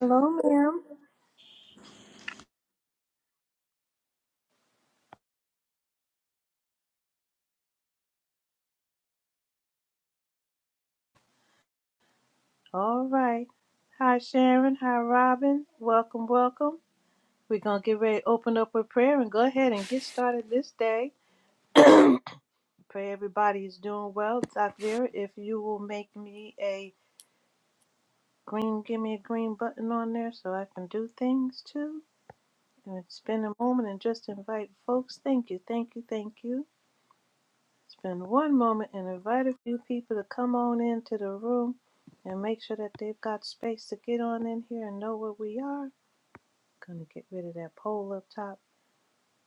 Hello, ma'am. All right. Hi, Sharon. Hi, Robin. Welcome, welcome. We're going to get ready to open up with prayer and go ahead and get started this day. Pray everybody is doing well. Doc Vera, if you will make me a green, give me a green button on there so I can do things too. And spend a moment and just invite folks. Thank you, thank you, thank you. Spend one moment and invite a few people to come on into the room and make sure that they've got space to get on in here and know where we are. Gonna get rid of that pole up top.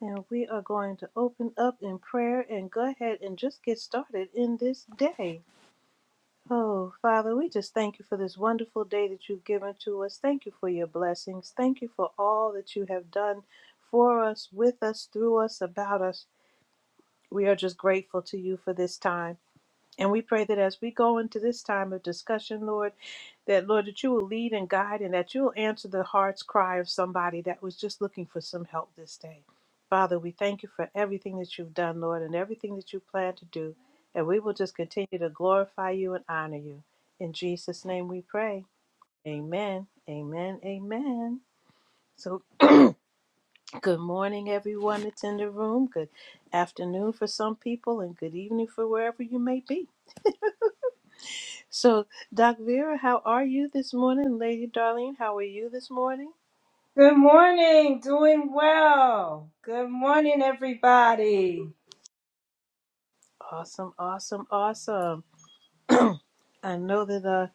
And we are going to open up in prayer and go ahead and just get started in this day. Oh, Father, we just thank you for this wonderful day that you've given to us. Thank you for your blessings. Thank you for all that you have done for us, with us, through us, about us. We are just grateful to you for this time. And we pray that as we go into this time of discussion, Lord, that Lord, that you will lead and guide and that you'll answer the heart's cry of somebody that was just looking for some help this day. Father, we thank you for everything that you've done, Lord, and everything that you plan to do. And we will just continue to glorify you and honor you. In Jesus' name we pray. Amen. Amen. Amen. So, good morning, everyone that's in the room. Good afternoon for some people, and good evening for wherever you may be. So, Doc Vera, how are you this morning? Lady Darlene, how are you this morning? Good morning. Doing well. Good morning, everybody. Awesome, awesome, awesome. I know that uh,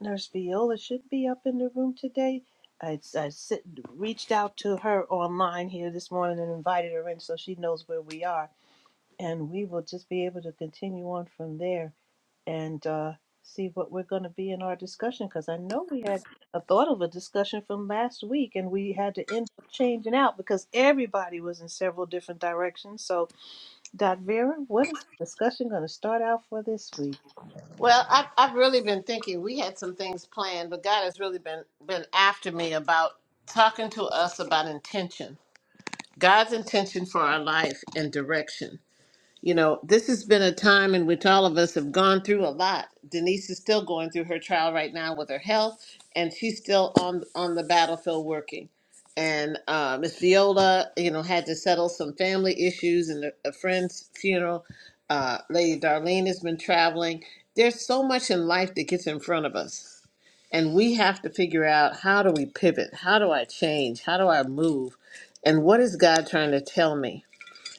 Nurse Viola should be up in the room today. I, I sit, reached out to her online here this morning and invited her in so she knows where we are. And we will just be able to continue on from there. and uh, see what we're going to be in our discussion because I know we had a thought of a discussion from last week and we had to end up changing out because everybody was in several different directions. So, Dot Vera, what is the discussion going to start out for this week? Well, I've, I've really been thinking. We had some things planned, but God has really been been after me about talking to us about intention, God's intention for our life and direction. You know, this has been a time in which all of us have gone through a lot. Denise is still going through her trial right now with her health, and she's still on on the battlefield working. And uh, Miss Viola, you know, had to settle some family issues and a, a friend's funeral. Uh, Lady Darlene has been traveling. There's so much in life that gets in front of us, and we have to figure out how do we pivot? How do I change? How do I move? And what is God trying to tell me?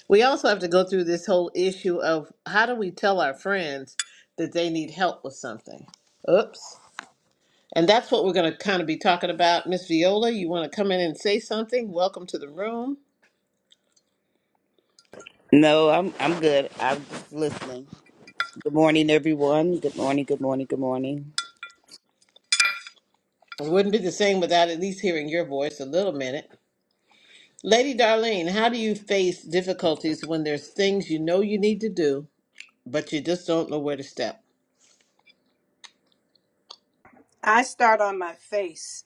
We also have to go through this whole issue of how do we tell our friends that they need help with something? Oops. And that's what we're going to kind of be talking about. Miss Viola, you want to come in and say something? Welcome to the room. No, I'm I'm good. I'm just listening. Good morning, everyone. Good morning. Good morning. Good morning. It wouldn't be the same without at least hearing your voice a little minute. Lady Darlene, how do you face difficulties when there's things you know you need to do, but you just don't know where to step? I start on my face.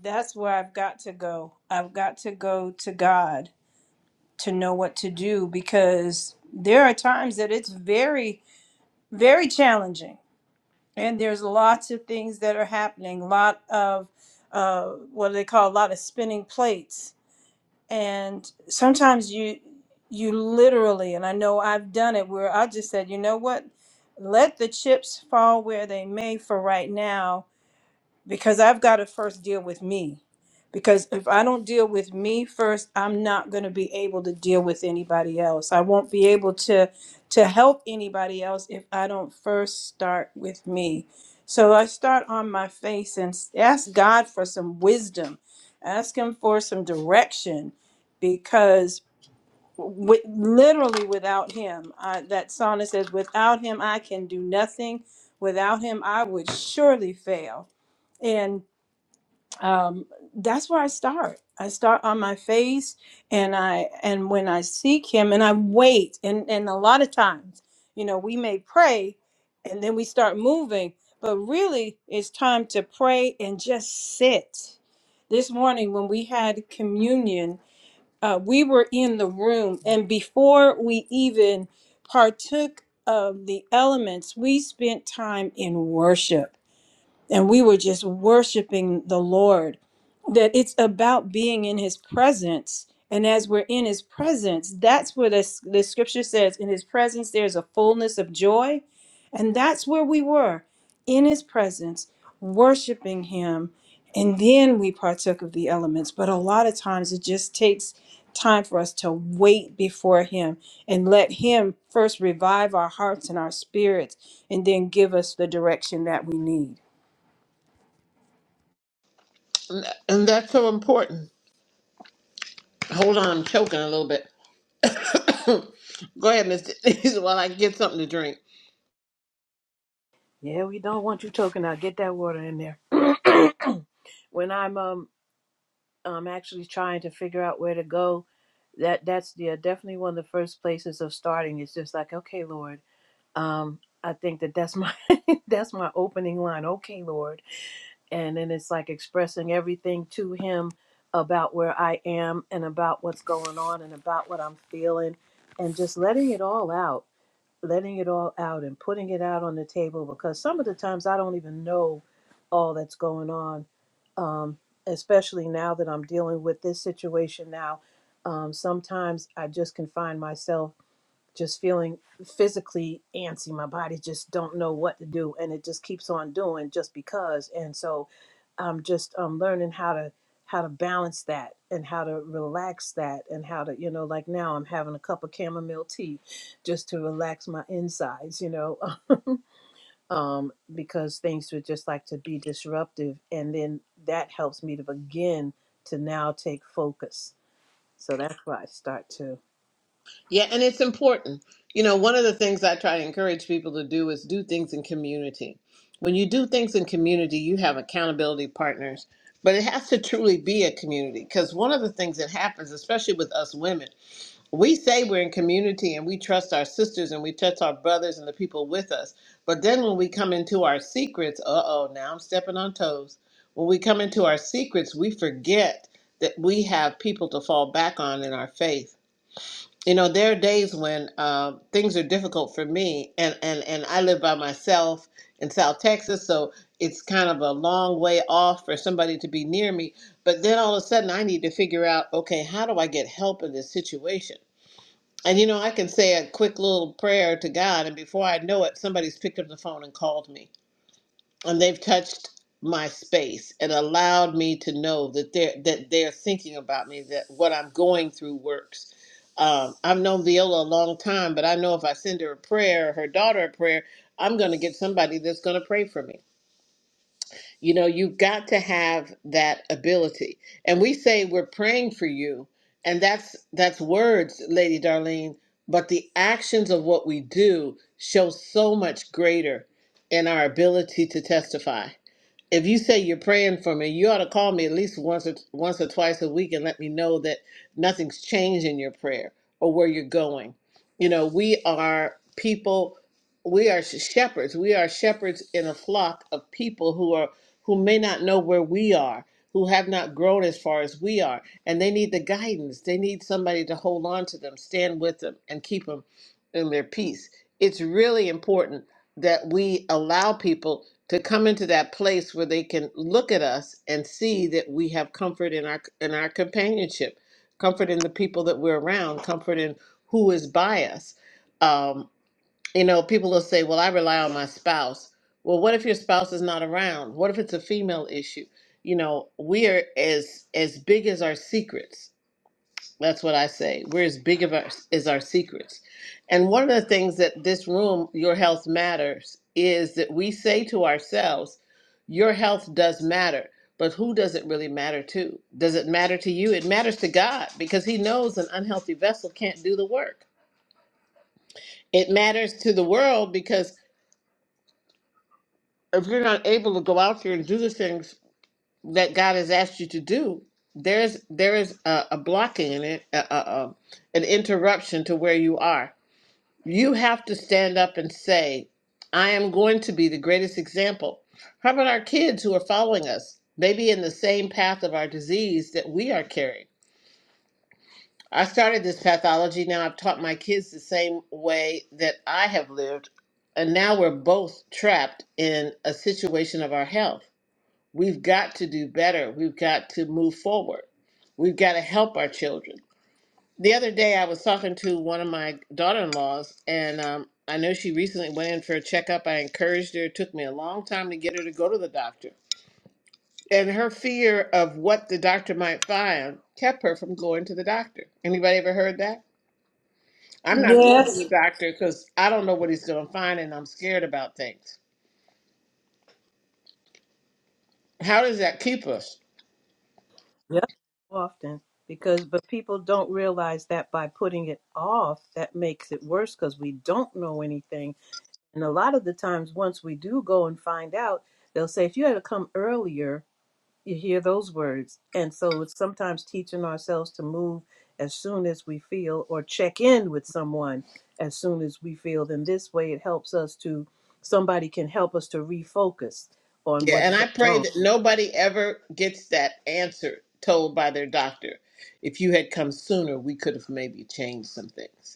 That's where I've got to go. I've got to go to God to know what to do because there are times that it's very, very challenging. And there's lots of things that are happening, a lot of uh, what do they call a lot of spinning plates and sometimes you you literally and i know i've done it where i just said you know what let the chips fall where they may for right now because I've got to first deal with me. Because if I don't deal with me first, I'm not going to be able to deal with anybody else. I won't be able to to help anybody else if I don't first start with me. So I start on my face and s- ask God for some wisdom. Ask him for some direction because with, literally without him, I, that song that says, without him, I can do nothing. Without him, I would surely fail um, that's where I start. I start on my face, and I and when I seek Him, and I wait, and and a lot of times, you know, we may pray, and then we start moving, but really, it's time to pray and just sit. This morning, when we had communion, uh, we were in the room, and before we even partook of the elements, we spent time in worship and we were just worshiping the Lord. That it's about being in His presence, and as we're in His presence, that's where the the Scripture says, "In His presence there's a fullness of joy," and that's where we were, in His presence, worshiping Him, and then we partook of the elements. But a lot of times, it just takes time for us to wait before Him and let Him first revive our hearts and our spirits, and then give us the direction that we need. And and that's so important. Hold on, I'm choking a little bit. go ahead, Miss Denise, while I get something to drink. Yeah, we don't want you choking out. Get that water in there. when I'm um um actually trying to figure out where to go, that that's yeah definitely one of the first places of starting. It's just like, okay, Lord. um i think that that's my that's my opening line okay lord and then it's like expressing everything to him about where i am and about what's going on and about what i'm feeling and just letting it all out letting it all out and putting it out on the table because some of the times i don't even know all that's going on um especially now that i'm dealing with this situation now um sometimes i just can find myself just feeling physically antsy my body just don't know what to do and it just keeps on doing just because and so i'm just um, learning how to how to balance that and how to relax that and how to you know like now i'm having a cup of chamomile tea just to relax my insides you know um, because things would just like to be disruptive and then that helps me to begin to now take focus so that's why i start to Yeah, and it's important. You know, one of the things I try to encourage people to do is do things in community. When you do things in community, you have accountability partners, but it has to truly be a community because one of the things that happens, especially with us women, we say we're in community and we trust our sisters and we trust our brothers and the people with us. But then when we come into our secrets, uh oh, now I'm stepping on toes. When we come into our secrets, we forget that we have people to fall back on in our faith you know there are days when uh, things are difficult for me and, and and i live by myself in south texas so it's kind of a long way off for somebody to be near me but then all of a sudden i need to figure out okay how do i get help in this situation and you know i can say a quick little prayer to god and before i know it somebody's picked up the phone and called me and they've touched my space and allowed me to know that they're that they're thinking about me that what i'm going through works um, i've known viola a long time but i know if i send her a prayer her daughter a prayer i'm going to get somebody that's going to pray for me you know you've got to have that ability and we say we're praying for you and that's that's words lady darlene but the actions of what we do show so much greater in our ability to testify if you say you're praying for me, you ought to call me at least once or once or twice a week and let me know that nothing's changed in your prayer or where you're going. You know, we are people, we are shepherds. We are shepherds in a flock of people who are who may not know where we are, who have not grown as far as we are, and they need the guidance. They need somebody to hold on to them, stand with them, and keep them in their peace. It's really important that we allow people to come into that place where they can look at us and see that we have comfort in our in our companionship, comfort in the people that we're around, comfort in who is by us. Um, you know, people will say, "Well, I rely on my spouse." Well, what if your spouse is not around? What if it's a female issue? You know, we are as as big as our secrets that's what I say. We're as big of our, as our secrets. And one of the things that this room, Your Health Matters, is that we say to ourselves, Your health does matter. But who does it really matter to? Does it matter to you? It matters to God because He knows an unhealthy vessel can't do the work. It matters to the world because if you're not able to go out there and do the things that God has asked you to do, there's there is a, a blocking in it, a, a, a, an interruption to where you are You have to stand up and say, I am going to be the greatest example. How about our kids who are following us, maybe in the same path of our disease that we are carrying? I started this pathology. Now I've taught my kids the same way that I have lived. And now we're both trapped in a situation of our health. We've got to do better. We've got to move forward. We've got to help our children the other day I was talking to one of my daughter-in-laws, and um, I know she recently went in for a checkup. I encouraged her. It took me a long time to get her to go to the doctor, and her fear of what the doctor might find kept her from going to the doctor. Anybody ever heard that? I'm not going to the Yes. doctor because I don't know what he's going to find, and I'm scared about things. How does that keep us? Yep. Often because but people don't realize that by putting it off that makes it worse because we don't know anything. And a lot of the times once we do go and find out, they'll say if you had to come earlier, you hear those words. And so it's sometimes teaching ourselves to move as soon as we feel or check in with someone as soon as we feel. Then this way it helps us to somebody can help us to refocus on Yeah, what's and I going pray on. that nobody ever gets that answer told by their doctor. If you had come sooner, we could have maybe changed some things.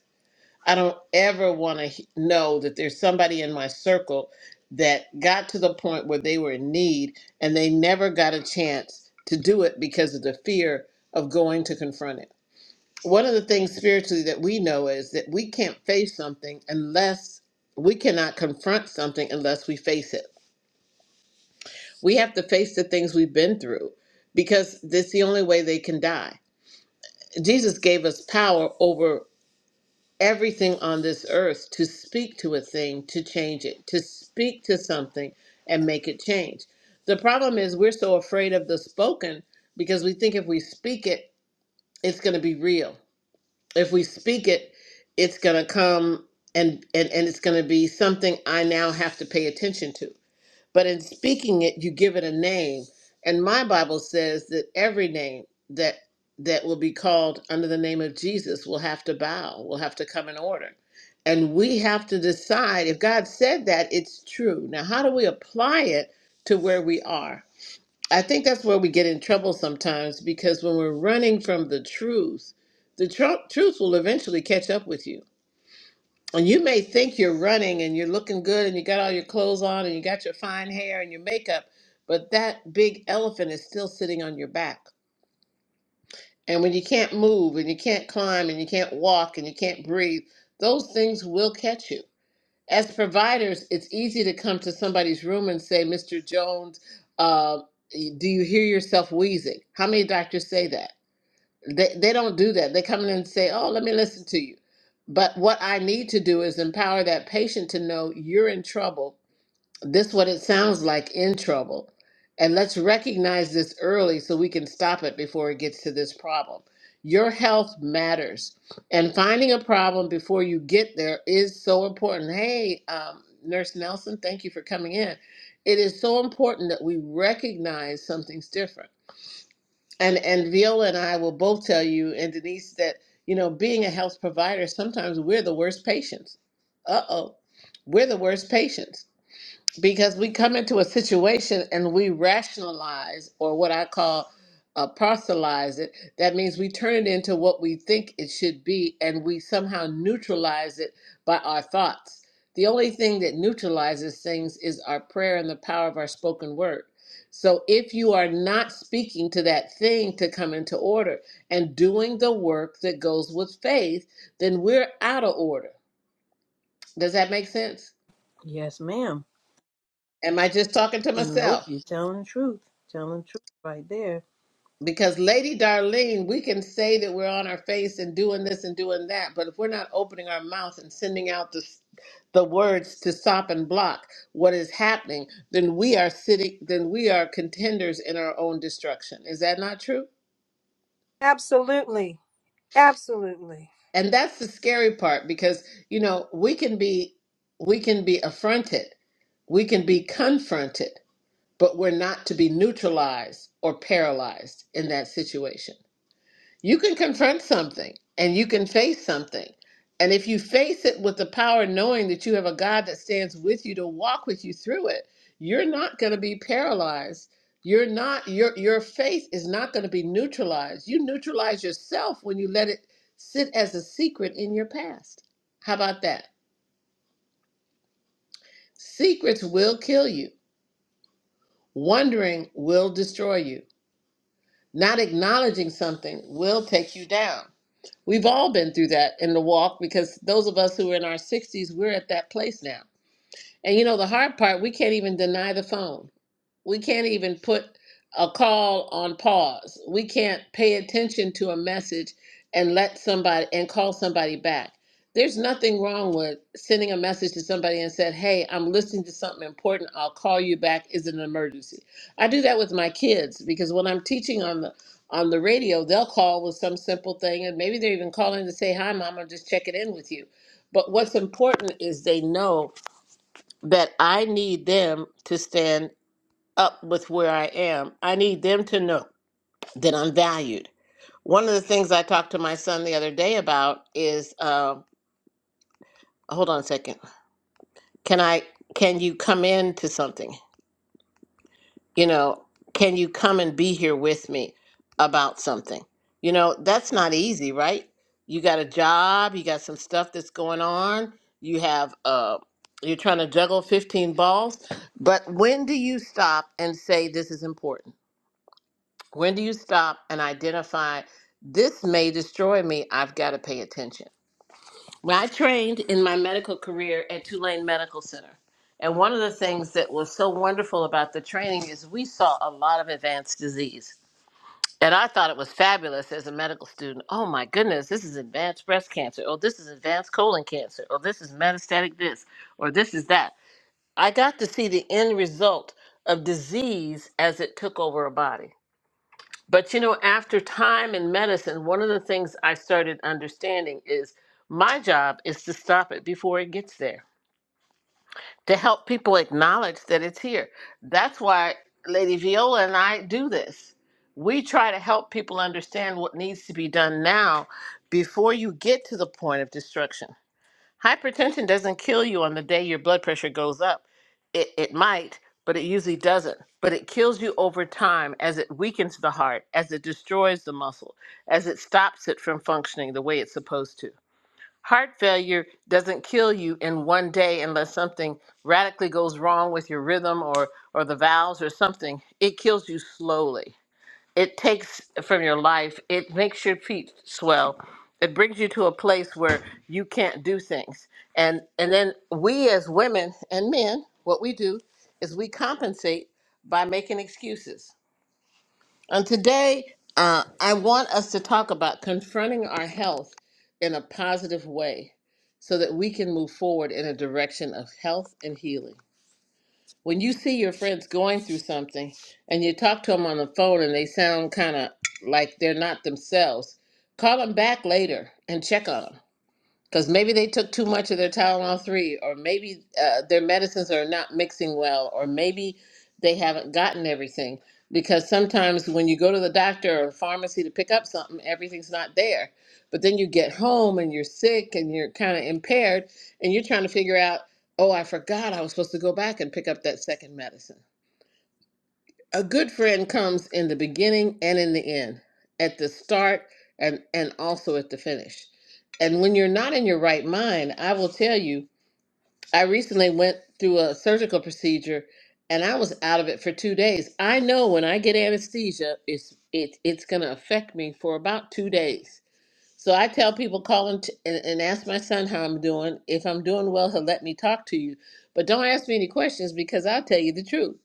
I don't ever want to know that there's somebody in my circle that got to the point where they were in need and they never got a chance to do it because of the fear of going to confront it. One of the things spiritually that we know is that we can't face something unless we cannot confront something unless we face it. We have to face the things we've been through because that's the only way they can die. Jesus gave us power over everything on this earth to speak to a thing to change it, to speak to something and make it change. The problem is we're so afraid of the spoken because we think if we speak it, it's going to be real. If we speak it, it's going to come and, and, and it's going to be something I now have to pay attention to but in speaking it you give it a name and my bible says that every name that that will be called under the name of jesus will have to bow will have to come in order and we have to decide if god said that it's true now how do we apply it to where we are i think that's where we get in trouble sometimes because when we're running from the truth the tru- truth will eventually catch up with you and you may think you're running and you're looking good and you got all your clothes on and you got your fine hair and your makeup, but that big elephant is still sitting on your back. And when you can't move and you can't climb and you can't walk and you can't breathe, those things will catch you. As providers, it's easy to come to somebody's room and say, Mr. Jones, uh, do you hear yourself wheezing? How many doctors say that? They they don't do that. They come in and say, "Oh, let me listen to you." But what I need to do is empower that patient to know you're in trouble. This what it sounds like in trouble. And let's recognize this early so we can stop it before it gets to this problem. Your health matters. And finding a problem before you get there is so important. Hey, um, Nurse Nelson, thank you for coming in. It is so important that we recognize something's different and and Viola and I will both tell you and Denise that you know being a health provider sometimes we're the worst patients. Uh oh, we're the worst patients because we come into a situation and we rationalize or what i call uh, parcelize it that means we turn it into what we think it should be and we somehow neutralize it by our thoughts the only thing that neutralizes things is our prayer and the power of our spoken word so if you are not speaking to that thing to come into order and doing the work that goes with faith then we're out of order does that make sense Yes, ma'am. am i just talking to Nope, myself you're telling the truth. Telling the truth right there. Because Lady Darlene, we can say that we're on our face and doing this and doing that, but if we're not opening our mouth and sending out the the words to stop and block what is happening, then we are sitting then we are contenders in our own destruction. Is that not true? Absolutely. Absolutely. And that's the scary part because, you know, we can be we can be affronted, we can be confronted, but we're not to be neutralized or paralyzed in that situation. You can confront something and you can face something. And if you face it with the power, knowing that you have a God that stands with you to walk with you through it, you're not going to be paralyzed. You're not your your faith is not going to be neutralized. You neutralize yourself when you let it sit as a secret in your past. How about that? Secrets will kill you. Wondering will destroy you. Not acknowledging something will take you down. We've all been through that in the walk because those of us who are in our 60s, we're at that place now. And you know, the hard part, we can't even deny the phone. We can't even put a call on pause. We can't pay attention to a message and let somebody and call somebody back. There's nothing wrong with sending a message to somebody and said, "Hey, I'm listening to something important. I'll call you back. Is it an emergency?" I do that with my kids because when I'm teaching on the on the radio, they'll call with some simple thing, and maybe they're even calling to say, "Hi, mom. I'm just checking in with you." But what's important is they know that I need them to stand up with where I am, I need them to know that I'm valued. One of the things I talked to my son the other day about is, uh, hold on a second. Can I? Can you come in to something? You know, can you come and be here with me about something? You know, that's not easy, right? You got a job. You got some stuff that's going on. You have. Uh, you're trying to juggle 15 balls, but when do you stop and say this is important? When do you stop and identify this may destroy me? I've got to pay attention. When I trained in my medical career at Tulane Medical Center, and one of the things that was so wonderful about the training is we saw a lot of advanced disease. And I thought it was fabulous as a medical student. Oh my goodness, this is advanced breast cancer, or this is advanced colon cancer, or this is metastatic this, or this is that. I got to see the end result of disease as it took over a body. But you know, after time in medicine, one of the things I started understanding is my job is to stop it before it gets there, to help people acknowledge that it's here. That's why Lady Viola and I do this. We try to help people understand what needs to be done now before you get to the point of destruction. Hypertension doesn't kill you on the day your blood pressure goes up. It, it might, but it usually doesn't. But it kills you over time as it weakens the heart, as it destroys the muscle, as it stops it from functioning the way it's supposed to. Heart failure doesn't kill you in one day unless something radically goes wrong with your rhythm or, or the valves or something. It kills you slowly it takes from your life it makes your feet swell it brings you to a place where you can't do things and and then we as women and men what we do is we compensate by making excuses and today uh, i want us to talk about confronting our health in a positive way so that we can move forward in a direction of health and healing when you see your friends going through something and you talk to them on the phone and they sound kind of like they're not themselves, call them back later and check on them because maybe they took too much of their Tylenol 3, or maybe uh, their medicines are not mixing well, or maybe they haven't gotten everything. Because sometimes when you go to the doctor or pharmacy to pick up something, everything's not there. But then you get home and you're sick and you're kind of impaired, and you're trying to figure out, oh, I forgot I was supposed to go back and pick up that second medicine. A good friend comes in the beginning and in the end, at the start and, and also at the finish. And when you're not in your right mind, I will tell you, I recently went through a surgical procedure and I was out of it for two days. I know when I get anesthesia, it's it, it's going to affect me for about two days. So I tell people, call and, t- and, and ask my son how I'm doing. If I'm doing well, he'll let me talk to you. But don't ask me any questions because I'll tell you the truth.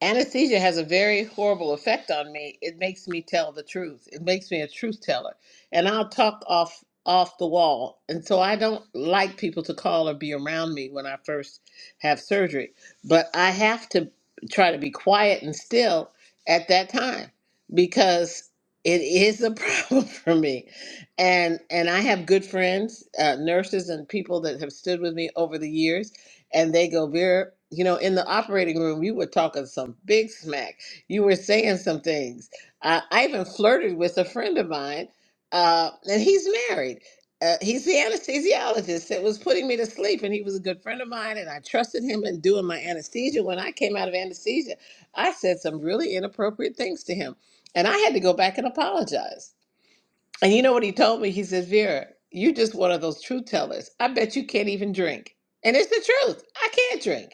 Anesthesia has a very horrible effect on me. It makes me tell the truth. It makes me a truth teller. And I'll talk off off the wall. And so I don't like people to call or be around me when I first have surgery. But I have to try to be quiet and still at that time because it is a problem for me. And and I have good friends, uh, nurses and people that have stood with me over the years and they go, Vera, you know, in the operating room, you were talking some big smack. You were saying some things. Uh, I even flirted with a friend of mine, uh, and he's married. Uh, he's the anesthesiologist that was putting me to sleep, and he was a good friend of mine, and I trusted him in doing my anesthesia. When I came out of anesthesia, I said some really inappropriate things to him, and I had to go back and apologize and you know what he told me? He says, Vera, you're just one of those truth tellers. I bet you can't even drink. And it's the truth. I can't drink.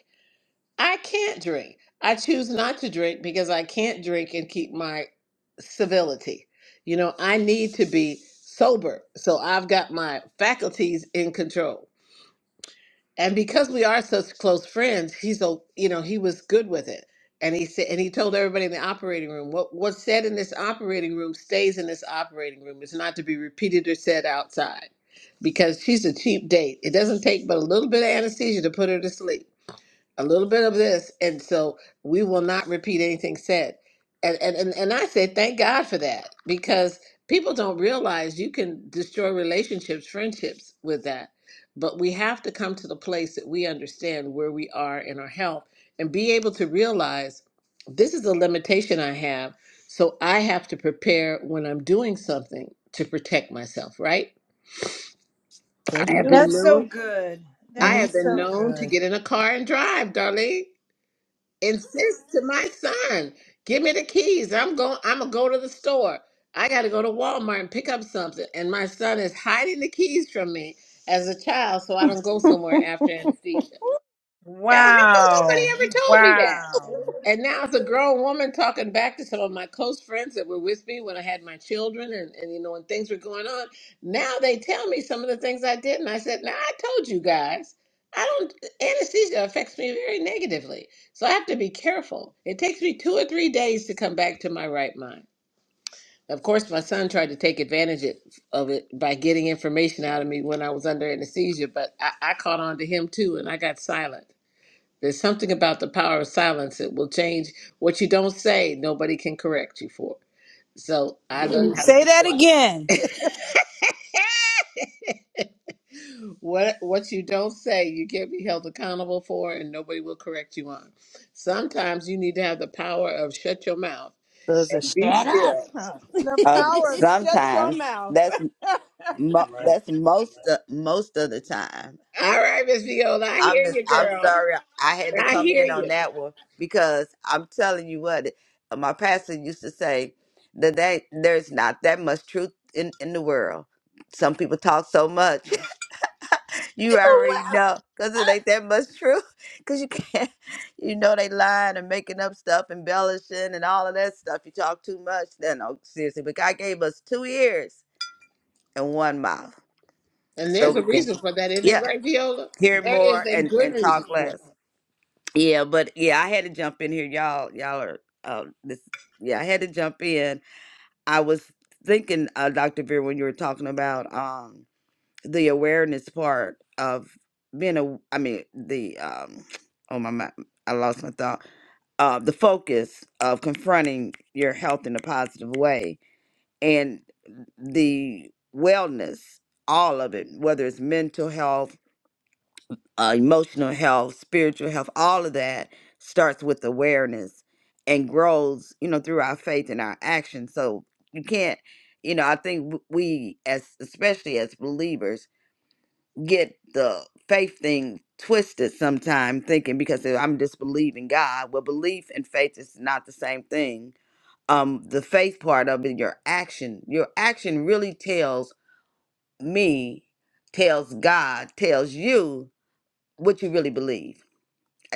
I can't drink. I choose not to drink because I can't drink and keep my civility. You know, I need to be sober. So I've got my faculties in control and because we are such close friends, he's a you know he was good with it, and he said and he told everybody in the operating room what what's said in this operating room stays in this operating room. It's not to be repeated or said outside, because she's a cheap date. It doesn't take but a little bit of anesthesia to put her to sleep a little bit of this and so we will not repeat anything said and and and, and i say thank god for that because people don't realize you can destroy relationships friendships with that but we have to come to the place that we understand where we are in our health and be able to realize this is a limitation i have so i have to prepare when i'm doing something to protect myself right For i have been sure. That's so known good. That i is Mm. have been so known to good. get in a car and drive Darlene insist to my son, give me the keys. I'm going I'm gonna go to the store. I gotta go to Walmart and pick up something. And my son is hiding the keys from me as a child so I don't go somewhere after anesthesia. Now how come nobody Wow. ever told me that? Wow. And now it's a grown woman talking back to some of my close friends that were with me when I had my children and, and you know when things were going on. Now they tell me some of the things I did and I said, Now I told you guys, I don't anesthesia affects me very negatively. So I have to be careful. It takes me two or three days to come back to my right mind. Of course, my son tried to take advantage it- of it by getting information out of me when I was under anesthesia, but I, I caught on to him too and I got silent. There's something about the power of silence. It will change what you don't say. Nobody can correct you for. it. So I learned how to Say be that quiet. again. What what you don't say, you can't be held accountable for, and nobody will correct you on. Sometimes you need to have the power of shut your mouth There's a and be shut up. still. huh? The Um, power of shut your sometimes mouth. that's mo- that's most of, most of the time. All right, Miss Viola, I I'm hear just you, I'm girl. sorry I had to I come hear in on you. that one because I'm telling you what my pastor used to say that, that there's not that much truth in in the world. Some people talk so much. You already know, cause it ain't that much true. Cause you can't, you know, they lying and making up stuff, embellishing and all of that stuff. You talk too much, then no, seriously. But God gave us two ears and one mouth, And so there's we a can, reason for that, isn't it, yeah, right, Viola? hear There is more a and good and reason talk for less. Yeah, but yeah, I had to jump in here, y'all. Y'all are, uh, this, yeah, I had to jump in. I was thinking, uh, Doctor Veer, when you were talking about, um. the awareness part of being a i mean the um oh my my i lost my thought uh the focus of confronting your health in a positive way and the wellness all of it whether it's mental health uh, emotional health spiritual health all of that starts with awareness and grows you know through our faith and our action so you can't you know i think w- we as especially as believers get the faith thing twisted sometime thinking because I'm just believing God. Well, belief and faith is not the same thing. Um, the faith part of it, your action, your action really tells me, tells God, tells you what you really believe.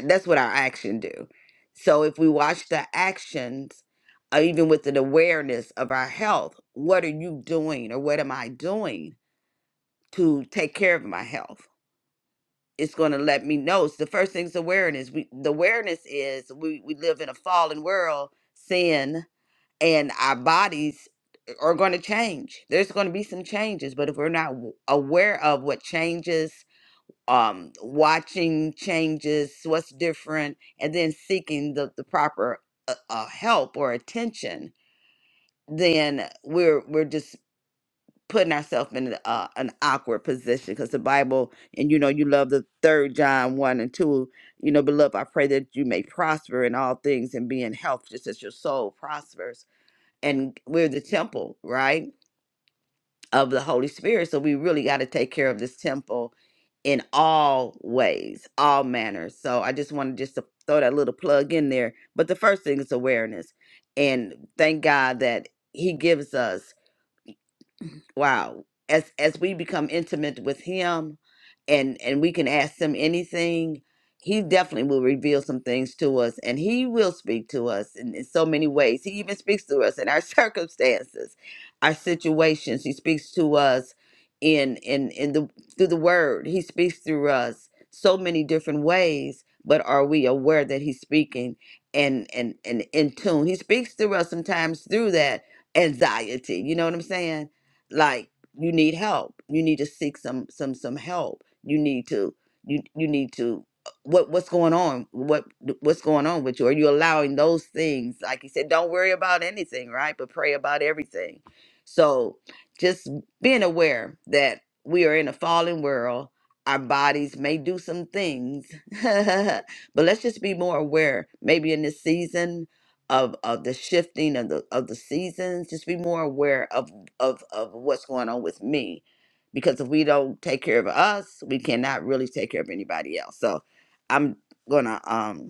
That's what our action do. So if we watch the actions, uh, even with an awareness of our health, what are you doing or what am I doing to take care of my health? it's going to let me know. It's the first thing's awareness. We the awareness is we we live in a fallen world, sin, and our bodies are going to change. There's going to be some changes, but if we're not w- aware of what changes, um, watching changes, what's different, and then seeking the the proper uh, uh, help or attention, then we're we're just putting ourselves in uh, an awkward position because the Bible, and you know, you love the third John 1 and 2, you know, beloved, I pray that you may prosper in all things and be in health just as your soul prospers. And we're the temple, right, of the Holy Spirit. So we really got to take care of this temple in all ways, all manners. So I just wanted just to throw that little plug in there. But the first thing is awareness. And thank God that He gives us wow as as we become intimate with him and and we can ask him anything he definitely will reveal some things to us and he will speak to us in, in so many ways he even speaks to us in our circumstances our situations he speaks to us in in in the through the word he speaks through us so many different ways but are we aware that he's speaking and and and in tune he speaks through us sometimes through that anxiety you know what i'm saying like you need help you need to seek some some some help you need to you you need to uh, what what's going on what what's going on with you are you allowing those things like you said don't worry about anything right but pray about everything so just being aware that we are in a fallen world our bodies may do some things but let's just be more aware maybe in this season of of the shifting of the of the seasons just be more aware of of of what's going on with me because if we don't take care of us we cannot really take care of anybody else so i'm gonna um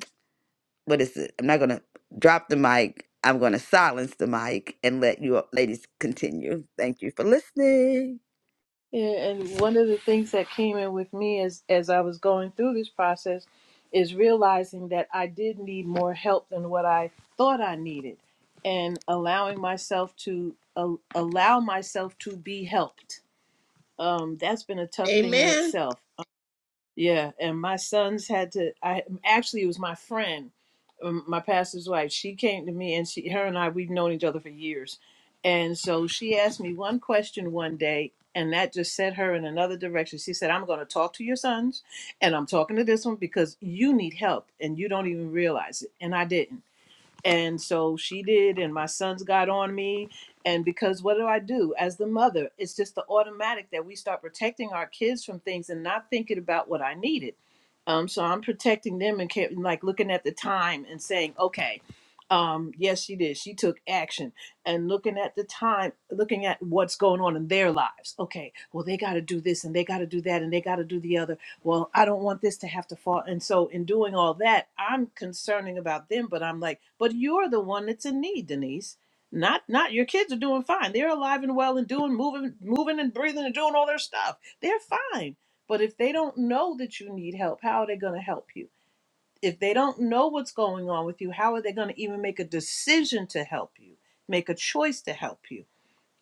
what is it i'm not gonna drop the mic i'm gonna silence the mic and let you ladies continue thank you for listening Yeah, and one of the things that came in with me as as I was going through this process is realizing that I did need more help than what I thought I needed, and allowing myself to a allow myself to be helped. Um, that's been a it. tough thing in Amen. itself. Yeah, and my sons had to. I actually it was my friend, um, my pastor's wife. She came to me, and she, her and I, we've known each other for years, and so she asked me one question one day, and that just set her in another direction. She said, "I'm going to talk to your sons, and I'm talking to this one because you need help, and you don't even realize it." And I didn't. And so she did, and my sons got on me. And because what do I do as the mother? It's just the automatic that we start protecting our kids from things and not thinking about what I needed. Um, so I'm protecting them and kept, like looking at the time and saying, okay, um, yes, she did. She took action and looking at the time, looking at what's going on in their lives. Okay, well, they got to do this and they got to do that and they got to do the other well, I don't want this to have to fall. And so, in doing all that, I'm concerning about them, but I'm like, but you're the one that's in need, Denise. Not, not your kids are doing fine. They're alive and well and doing, moving, moving and breathing and doing all their stuff. They're fine. But if they don't know that you need help, how are they going to help you? If they don't know what's going on with you, how are they going to even make a decision to help you, make a choice to help you?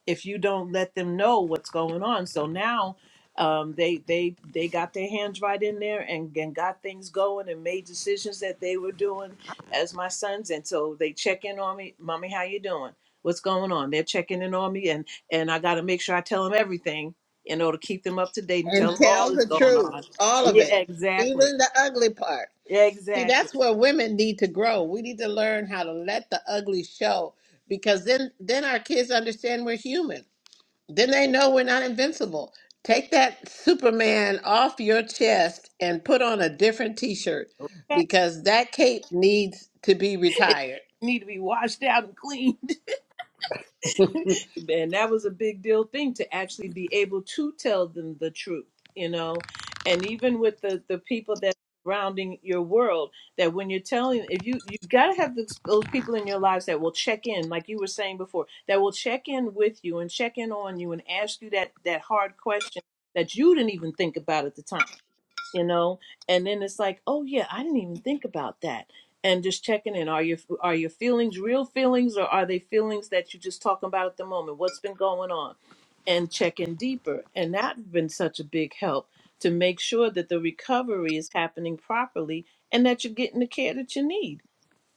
if you don't let them know what's going on. So now um, they they they got their hands right in there and, and got things going and made decisions that they were doing as my sons. And so they check in on me, mommy, how you doing? What's going on? They're checking in on me, and and I got to make sure I tell them everything in order to keep them up to date and tell And them all tell that's the going truth, on. all of Yeah, it, even exactly, the ugly part. See, that's exactly. where women need to grow. We need to learn how to let the ugly show because then then our kids understand we're human. Then they know we're not invincible. Take that Superman off your chest and put on a different t-shirt because that cape needs to be It retired. need to be washed out and cleaned. and that was a big deal thing to actually be able to tell them the truth you know and even with the the people that surrounding your world that when you're telling if you you've got to have those, those people in your lives that will check in like you were saying before that will check in with you and check in on you and ask you that that hard question that you didn't even think about at the time you know and then it's like oh yeah i didn't even think about that and just checking in are your are your feelings real feelings or are they feelings that you're just talking about at the moment what's been going on and checking deeper and that's been such a big help to make sure that the recovery is happening properly and that you're getting the care that you need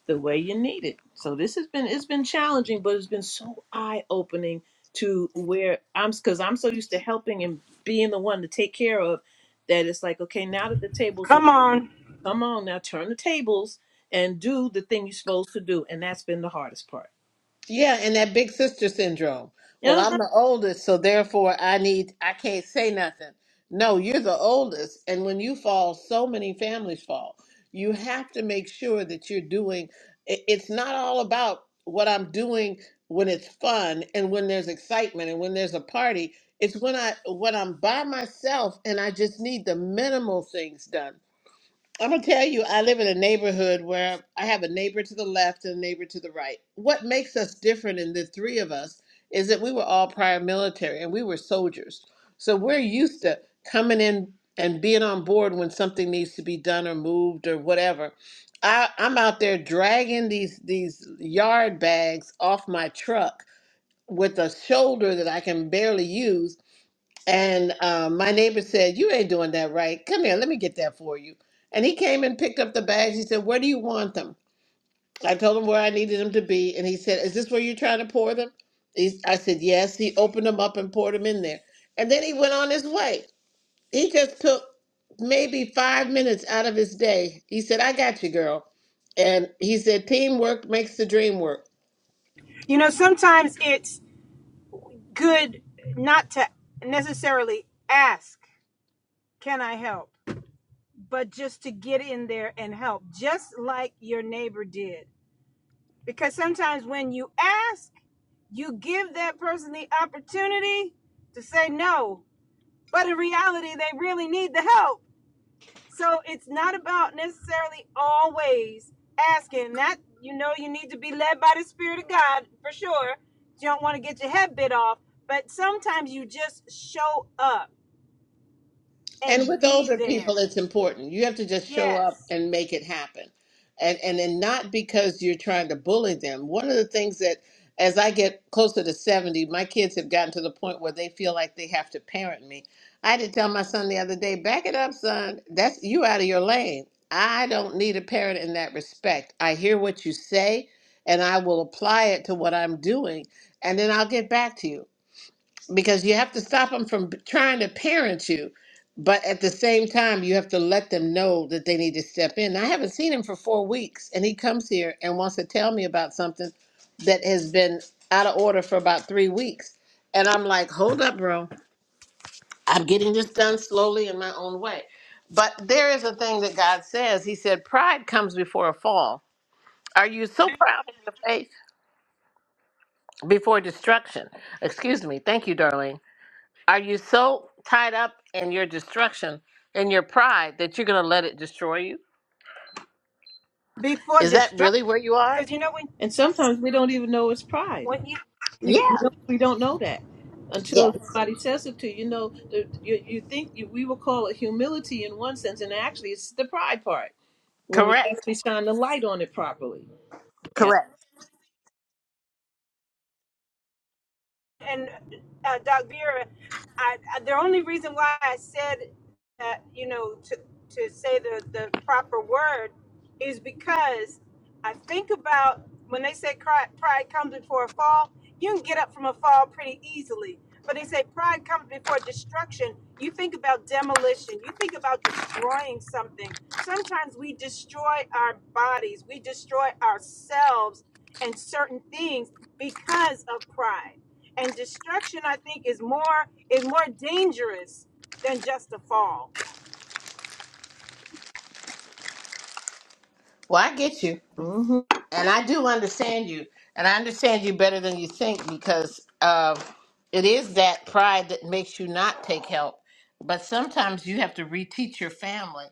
the way you need it. So this has been it's been challenging, but it's been so eye opening to where I'm because I'm so used to helping and being the one to take care of that it's like okay now that the tables are Come on. come on now turn the tables and do the thing you're supposed to do and that's been the hardest part. Yeah, and that big sister syndrome. Well, Yeah, I'm uh-huh. the oldest, so therefore I need I can't say nothing. No, you're the oldest, and when you fall, so many families fall. You have to make sure that you're doing it- it's not all about what I'm doing when it's fun and when there's excitement and when there's a party. It's when I when I'm by myself and I just need the minimal things done. I'm gonna tell you, I live in a neighborhood where I have a neighbor to the left and a neighbor to the right. What makes us different in the three of us is that we were all prior military and we were soldiers. So we're used to coming in and being on board when something needs to be done or moved or whatever. I, I'm out there dragging these these yard bags off my truck with a shoulder that I can barely use and um, my neighbor said, You ain't doing that right. Come here, let me get that for you. And he came and picked up the bags. He said, Where do you want them? I told him where I needed them to be. And he said, Is this where you're trying to pour them? He's, I said, Yes. He opened them up and poured them in there. And then he went on his way. He just took maybe five minutes out of his day. He said, I got you, girl. And he said, Teamwork makes the dream work. You know, sometimes it's good not to necessarily ask, can I help? But just to get in there and help, just like your neighbor did. Because sometimes when you ask, you give that person the opportunity to say no. But in reality, they really need the help. So it's not about necessarily always asking. That you know you need to be led by the Spirit of God for sure. You don't want to get your head bit off, but sometimes you just show up And and with be older people, there. it's important. You have to just show up Yes. and make it happen. And and then not because you're trying to bully them. One of the things that as I get closer to 70, my kids have gotten to the point where they feel like they have to parent me. I had to tell my son the other day, back it up, son. That's you out of your lane. I don't need a parent in that respect. I hear what you say and I will apply it to what I'm doing, and then I'll get back to you because you have to stop them from b- trying to parent you but at the same time you have to let them know that they need to step in i haven't seen him for four weeks and he comes here and wants to tell me about something that has been out of order for about three weeks and i'm like hold up bro i'm getting this done slowly in my own way but there is a thing that god says he said pride comes before a fall are you so proud of your faith before destruction excuse me thank you darling Are you so tied up in your destruction, in your pride, that you're going to let it destroy you? Before Is that distraction, really where you are? because you know when and sometimes we don't even know it's pride. when you We Yeah. we don't, we don't know that until Yes. somebody says it to you. You know, the, you you think you, we will call it humility in one sense, and actually it's the pride part when we Correct. actually shine the light on it properly. Yeah. Correct. and uh, Doc Vera, I, I, the only reason why I said that, you know, to, to say the, the proper word is because I think about when they say cri- pride comes before a fall, you can get up from a fall pretty easily. But they say pride comes before destruction. You think about demolition, you think about destroying something. Sometimes we destroy our bodies, we destroy ourselves and certain things because of pride. And destruction, I think, is more is more dangerous than just a fall. Well, I get you. hmm and I do understand you, and I understand you better than you think because um, it is that pride that makes you not take help. But sometimes you have to reteach your family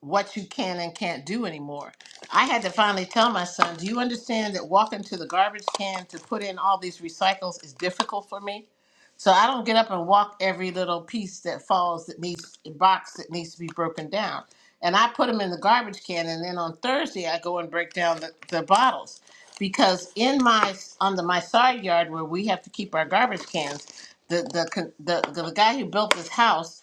what you can and can't do anymore. I had to finally tell my son, "Do you understand that walking to the garbage can to put in all these recycles is difficult for me?" So I don't get up and walk every little piece that falls that needs box that needs to be broken down and I put them in the garbage can. And then on Thursday, I go and break down the, the bottles because in my on the my side yard where we have to keep our garbage cans, the the con- the, the guy who built this house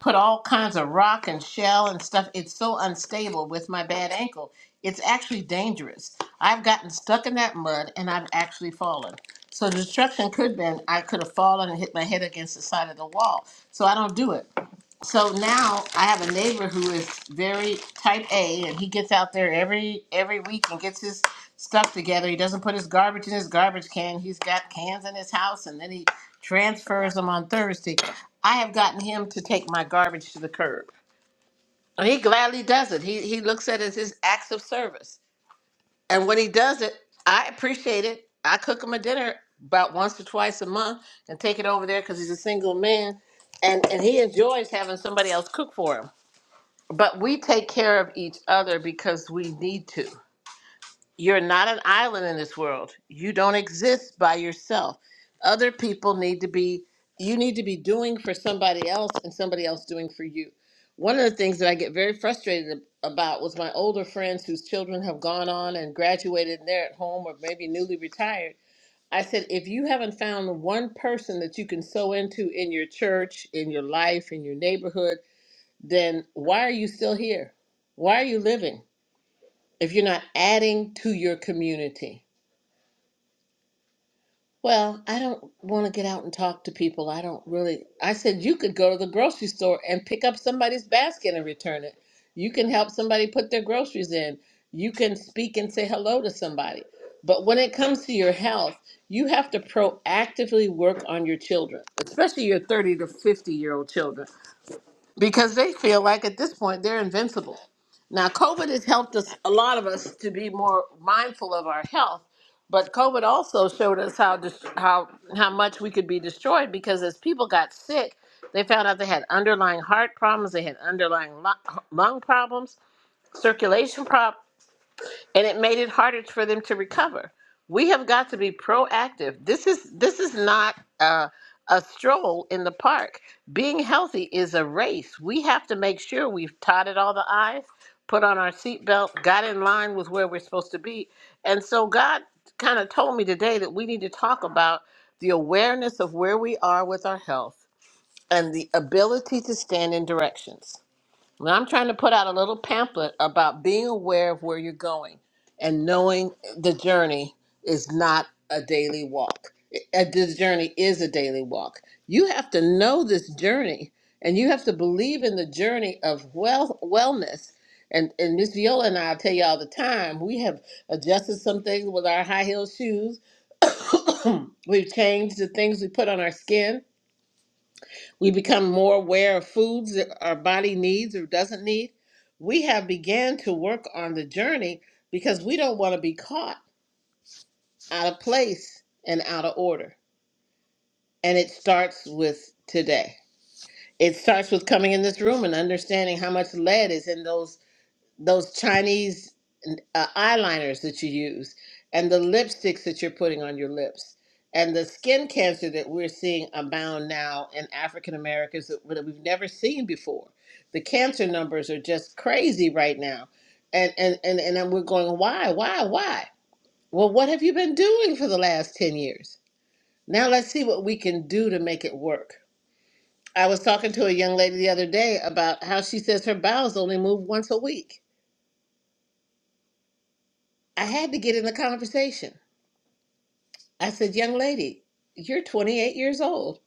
put all kinds of rock and shell and stuff. It's so unstable with my bad ankle. It's actually dangerous. I've gotten stuck in that mud and I've actually fallen. So destruction could have been I could have fallen and hit my head against the side of the wall. So I don't do it. So now I have a neighbor who is very type A, and he gets out there every every week and gets his stuff together. He doesn't put his garbage in his garbage can. He's got cans in his house, and then he transfers them on Thursday. I have gotten him to take my garbage to the curb. And he gladly does it. He he looks at it as his acts of service, and when he does it, I appreciate it. I cook him a dinner about once or twice a month and take it over there because he's a single man, and and he enjoys having somebody else cook for him. But we take care of each other because we need to. You're not an island in this world. You don't exist by yourself. Other people need to be, you need to be doing for somebody else and somebody else doing for you. One of the things that I get very frustrated ab- about was my older friends whose children have gone on and graduated and they're at home or maybe newly retired. I said, if you haven't found one person that you can sew into in your church, in your life, in your neighborhood, then why are you still here? Why are you living if you're not adding to your community? Well, I don't want to get out and talk to people. I don't really. I said you could go to the grocery store and pick up somebody's basket and return it. You can help somebody put their groceries in. You can speak and say hello to somebody. But when it comes to your health, you have to proactively work on your children, especially your 30 to 50 year old children because they feel like at this point they're invincible. Now, COVID has helped us, a lot of us, to be more mindful of our health, but COVID also showed us how dis- how how much we could be destroyed because as people got sick, they found out they had underlying heart problems, they had underlying lu- lung problems, circulation problems and it made it harder for them to recover. We have got to be proactive. This is this is not a, a stroll in the park. Being healthy is a race. We have to make sure we've dotted all the i's, put on our seatbelt, got in line with where we're supposed to be. And so God kind of told me today that we need to talk about the awareness of where we are with our health and the ability to stand in directions well, I'm trying to put out a little pamphlet about being aware of where you're going and knowing the journey is not a daily walk. Uh, The journey is a daily walk. You have to know this journey and you have to believe in the journey of well wellness. And and Miss Viola and I tell you all the time, we have adjusted some things with our high heel shoes. We've changed the things we put on our skin we become more aware of foods that our body needs or doesn't need. We have began to work on the journey because we don't want to be caught out of place and out of order. And it starts with today. It starts with coming in this room and understanding how much lead is in those those Chinese uh, eyeliners that you use, and the lipsticks that you're putting on your lips, and the skin cancer that we're seeing abound now in African Americans that, that we've never seen before. The cancer numbers are just crazy right now, and and and and then we're going, why, why, why? Well, what have you been doing for the last ten years? Now let's see what we can do to make it work. I was talking to a young lady the other day about how she says her bowels only move once a week I had to get in the conversation. I said, Young lady, you're 28 years old.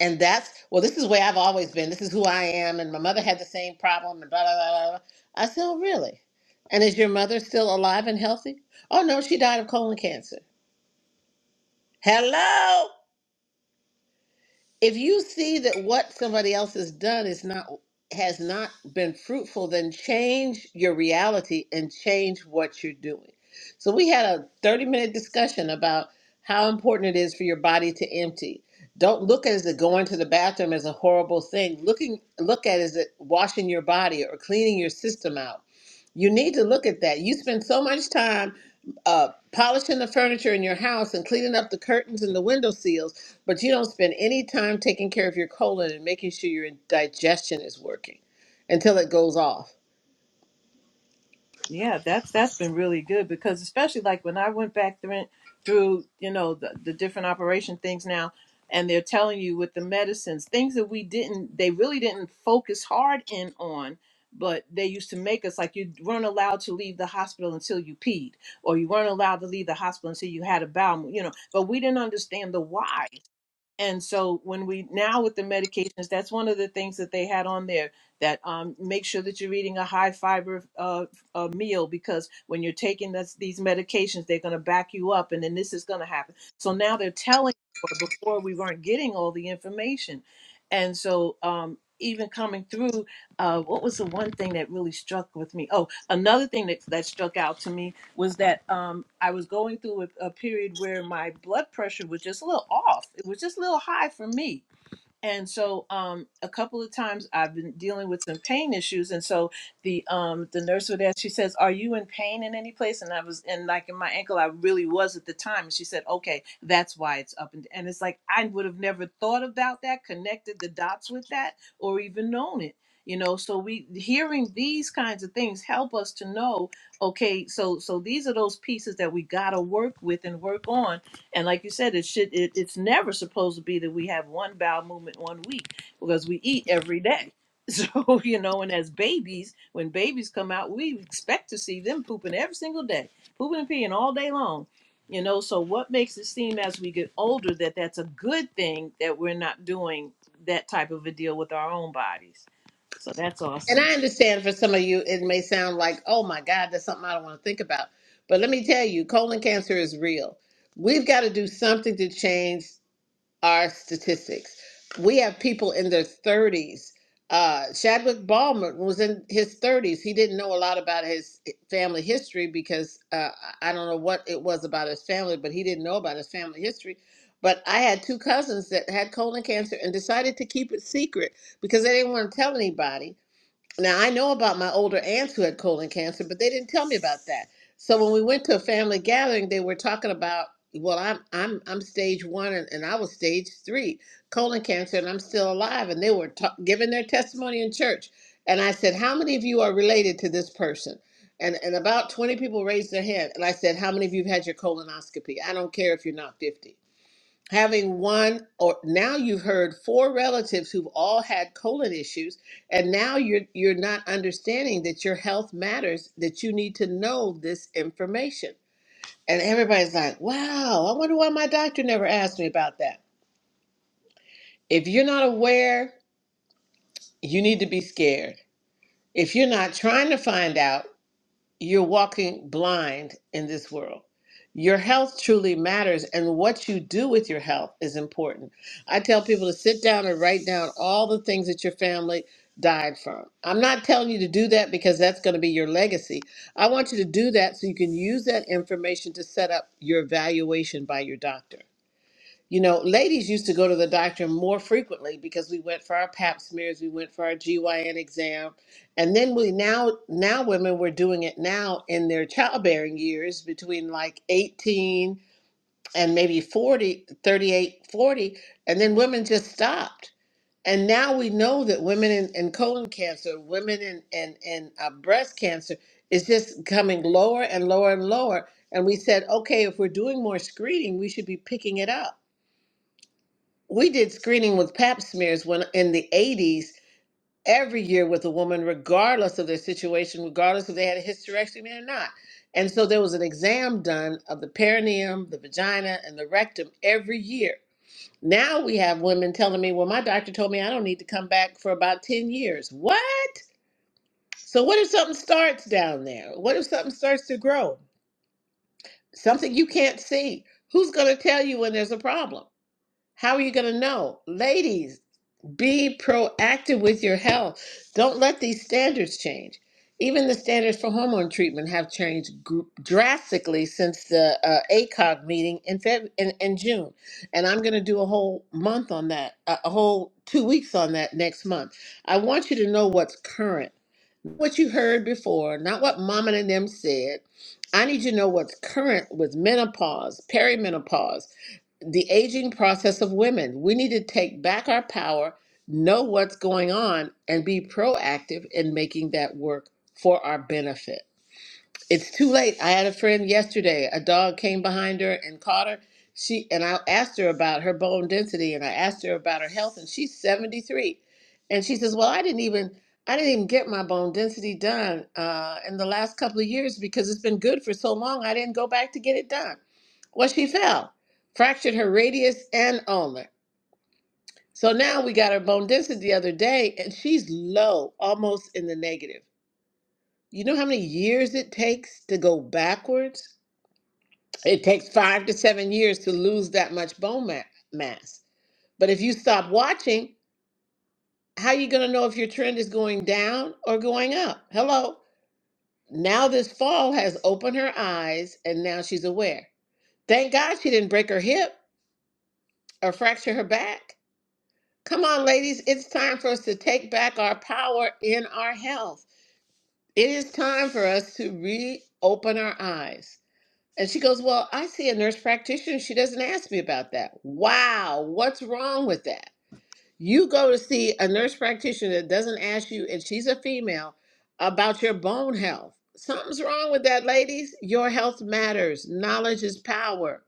And that's, well, this is where I've always been. This is who I am. And my mother had the same problem and blah, blah, blah, blah. blah. I said, Oh, really? And is your mother still alive and healthy? Oh, no, she died of colon cancer. Hello? if you see that what somebody else has done is not has not been fruitful then change your reality and change what you're doing so we had a 30 minute discussion about how important it is for your body to empty don't look at it as a going to the bathroom as a horrible thing looking look at it as a washing your body or cleaning your system out you need to look at that. You spend so much time uh, polishing the furniture in your house and cleaning up the curtains and the window seals, but you don't spend any time taking care of your colon and making sure your digestion is working until it goes off. Yeah, that's that's been really good because especially like when I went back through through you know the, the different operation things now, and they're telling you with the medicines things that we didn't they really didn't focus hard in on. But they used to make us like you weren't allowed to leave the hospital until you peed, or you weren't allowed to leave the hospital until you had a bowel, mo- you know. But we didn't understand the why And so when we now with the medications, that's one of the things that they had on there that um, make sure that you're eating a high fiber uh, uh, meal because when you're taking this, these medications, they're going to back you up, and then this is going to happen. So now they're telling, or before we weren't getting all the information, and so. Um, even coming through, uh, what was the one thing that really struck with me? Oh, another thing that, that struck out to me was that um, I was going through a, a period where my blood pressure was just a little off. It was just a little high for me and so um a couple of times i've been dealing with some pain issues and so the um the nurse would ask she says are you in pain in any place and i was and like in my ankle i really was at the time and she said okay that's why it's up and and it's like i would have never thought about that connected the dots with that or even known it you know so we hearing these kinds of things help us to know okay so so these are those pieces that we got to work with and work on and like you said, it should it, it's never supposed to be that we have one bowel movement one week because we eat every day. So, you know, and as babies, when babies come out, we expect to see them pooping every single day, pooping and peeing all day long. You know, so what makes it seem as we get older that that's a good thing that we're not doing that type of a deal with our own bodies? So that's And awesome. I understand for some of you, it may sound like, oh my God, that's something I don't want to think about. But let me tell you, colon cancer is real. We've got to do something to change our statistics. We have people in their 30s. Uh, Chadwick Ballmer was in his 30s. He didn't know a lot about his family history because uh, I don't know what it was about his family, but he didn't know about his family history. But I had two cousins that had colon cancer and decided to keep it secret because they didn't want to tell anybody now, I know about my older aunts who had colon cancer, but they didn't tell me about that. So when we went to a family gathering, they were talking about, well, I'm I'm I'm stage one, and, and I was stage three colon cancer, and I'm still alive. And they were ta- giving their testimony in church, and I said, how many of you are related to this person? And and about twenty people raised their hand, and I said, how many of you have had your colonoscopy? I don't care if you're not fifty having one or now you've heard four relatives who've all had colon issues and now you're you're not understanding that your health matters that you need to know this information and everybody's like wow i wonder why my doctor never asked me about that if you're not aware you need to be scared if you're not trying to find out you're walking blind in this world. Your health truly matters, and what you do with your health is important. I tell people to sit down and write down all the things that your family died from. I'm not telling you to do that because that's going to be your legacy. I want you to do that so you can use that information to set up your evaluation by your doctor. You know, ladies used to go to the doctor more frequently because we went for our pap smears, we went for our GYN exam, and then we now now women were doing it now in their childbearing years between like 18 and maybe 40 38 40, and then women just stopped. And now we know that women in, in colon cancer, women in, in, in uh, breast cancer is just coming lower and lower and lower. And we said, okay, if we're doing more screening, we should be picking it up we did screening with pap smears when in the 80s every year with a woman regardless of their situation regardless if they had a hysterectomy or not and so there was an exam done of the perineum the vagina and the rectum every year now we have women telling me well my doctor told me i don't need to come back for about 10 years what so what if something starts down there what if something starts to grow something you can't see who's going to tell you when there's a problem how are you going to know ladies Be proactive with your health. Don't let these standards change. Even the standards for hormone treatment have changed gr- drastically since the uh, ACOG meeting in, Feb- in in June, and I'm going to do a whole month on that, a a whole two weeks on that next month. I want you to know what's current, what you heard before, not what mom and them said. I need you to know what's current with menopause, perimenopause the aging process of women. We need to take back our power, know what's going on, and be proactive in making that work for our benefit. It's too late. I had a friend yesterday. A dog came behind her and caught her. She and I asked her about her bone density and I asked her about her health and she's 73. And she says, "Well, I didn't even I didn't even get my bone density done uh, in the last couple of years because it's been good for so long. I didn't go back to get it done." Well, she fell, fractured her radius and ulnar. So now we got her bone density the other day and she's low, almost in the negative. You know how many years it takes to go backwards? It takes five to seven years to lose that much bone ma- mass. But if you stop watching, how are you going to know if your trend is going down or going up? Hello. Now this fall has opened her eyes and now she's aware. Thank God she didn't break her hip or fracture her back. Come on, ladies, it's time for us to take back our power in our health. It is time for us to reopen our eyes. And she goes, Well, I see a nurse practitioner. She doesn't ask me about that. Wow, what's wrong with that? You go to see a nurse practitioner that doesn't ask you, and she's a female, about your bone health. Something's wrong with that, ladies. Your health matters. Knowledge is power.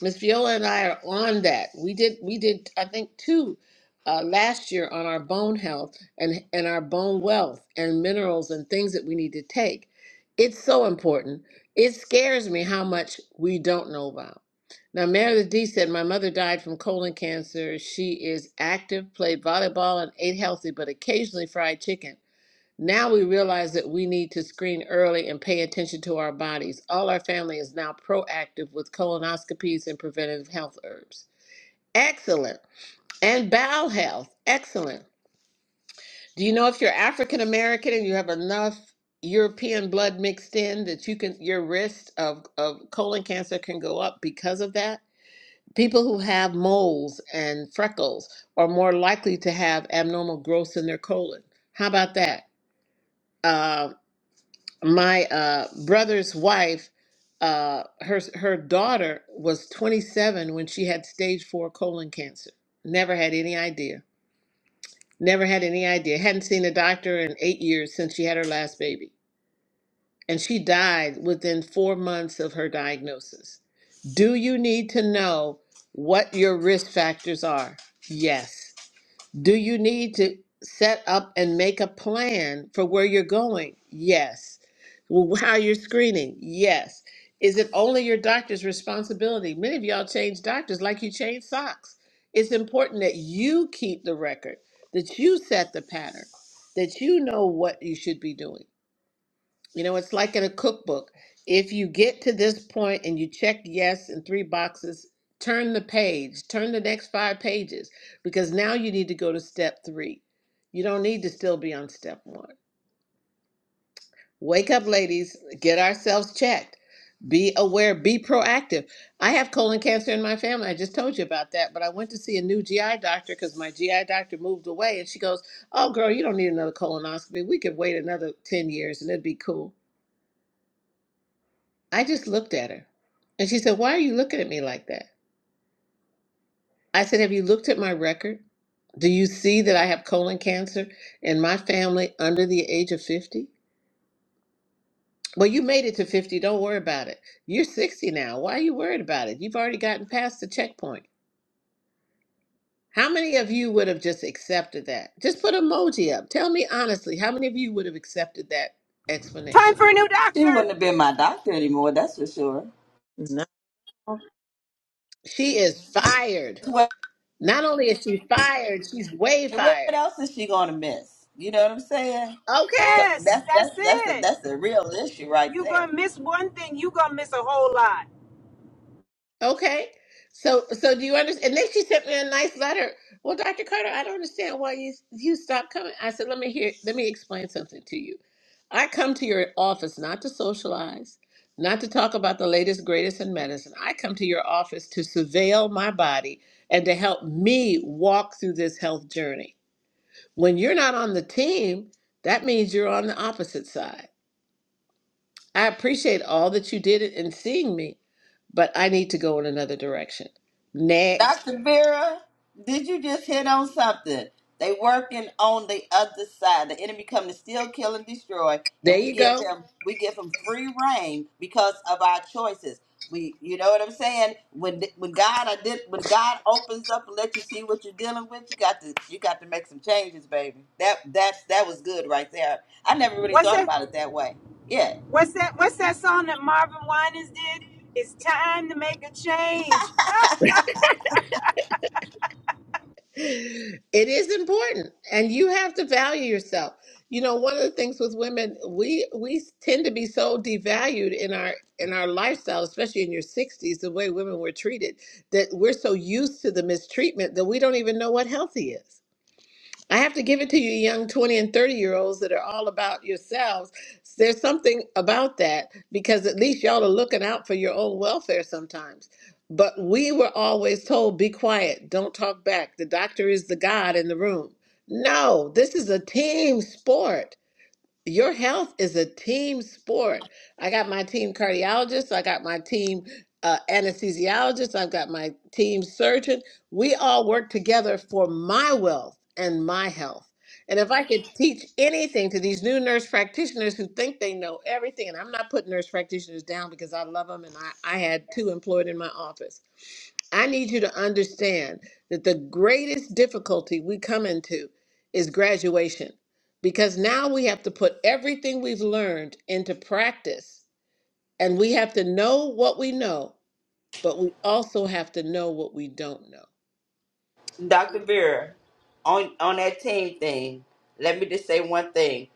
Miss Viola and I are on that. We did we did I think two uh, last year on our bone health and and our bone wealth and minerals and things that we need to take. It's so important. It scares me how much we don't know about. Now, Meredith D said, My mother died from colon cancer. She is active, played volleyball, and ate healthy, but occasionally fried chicken. Now we realize that we need to screen early and pay attention to our bodies. All our family is now proactive with colonoscopies and preventive health herbs. Excellent. And bowel health. Excellent. Do you know if you're African American and you have enough European blood mixed in that you can your risk of, of colon cancer can go up because of that? People who have moles and freckles are more likely to have abnormal growths in their colon. How about that? Um, my uh, brother's wife, uh, her her daughter was 27 when she had stage four colon cancer. Never had any idea. Never had any idea. Hadn't seen a doctor in eight years since she had her last baby, and she died within four months of her diagnosis. Do you need to know what your risk factors are? Yes. Do you need to set up and make a plan for where you're going? Yes. Well, How you're screening? Yes. Is it only your doctor's responsibility? Many of y'all change doctors like you change socks. It's important that you keep the record, that you set the pattern, that you know what you should be doing. You know, it's like in a cookbook. If you get to this point and you check yes in three boxes, turn the page, turn the next five pages, because now you need to go to step three. You don't need to still be on step one. Wake up, ladies, get ourselves checked. Be aware, be proactive. I have colon cancer in my family. I just told you about that, but I went to see a new GI doctor because my GI doctor moved away and she goes, Oh, girl, you don't need another colonoscopy. We could wait another 10 years and it'd be cool. I just looked at her. And she said, Why are you looking at me like that? I said, Have you looked at my record? Do you see that I have colon cancer in my family under the age of 50? Well, you made it to 50. Don't worry about it. You're 60 now. Why are you worried about it? You've already gotten past the checkpoint. How many of you would have just accepted that? Just put emoji up. Tell me honestly, how many of you would have accepted that Time explanation? for a new She doctor. wouldn't have been my doctor anymore, that's for sure. of She is fired. What, Not only is she fired, she's way what fired. else is she going to miss? You know what I'm saying? Okay. 'Cause Yes, That's that's that's that's a, it. that's a real issue right You there. gonna miss one thing, you gonna miss a whole lot. Okay. So so do you understand? And then she sent me a nice letter. Well, Dr. Carter, I don't understand why you you stopped coming. I said, let me hear let me explain something to you. I come to your office not to socialize, not to talk about the latest greatest in medicine. I come to your office to surveil my body and to help me walk through this health journey. When you're not on the team, that means you're on the opposite side. I appreciate all that you did in seeing me, but I need to go in another direction. Next. Dr. Vera, did you just hit on something? They working on the other side. The enemy come to steal, kill, and destroy, There and we you give go. him we give him free reign because of our choices. We, you know what I'm saying? When when God I did when God opens up and let you see what you're dealing with, you got to you got to make some changes, baby. That that's that was good right there. I never really What's thought that? about it that way. Yeah, What's that? What's that song that Marvin Winans did? It's time to make a change. It is important and you have to value yourself. You know, one of the things with women, we we tend to be so devalued in our in our lifestyle, especially in your 60s, the way women were treated, that we're so used to the mistreatment that we don't even know what healthy is. I have to give it to you, young 20 and 30 year olds that are all about yourselves. There's something about that because at least y'all are looking out for your own welfare sometimes. But we were always told be quiet, don't talk back. The doctor is the God in the room. No, this is a team sport your health is a team sport. I got my team cardiologist, I got my team uh, anesthesiologist, I've got my team surgeon. We all work together for my wealth and my health. And if I could teach anything to these new nurse practitioners who think they know everything, and I'm not putting nurse practitioners down because I love them and I, I had two employed in my office. I need you to understand that the greatest difficulty we come into is graduation because now we have to put everything we've learned into practice and we have to know what we know but we also have to know what we don't know Dr. Vera, on on that team thing. Let me just say one thing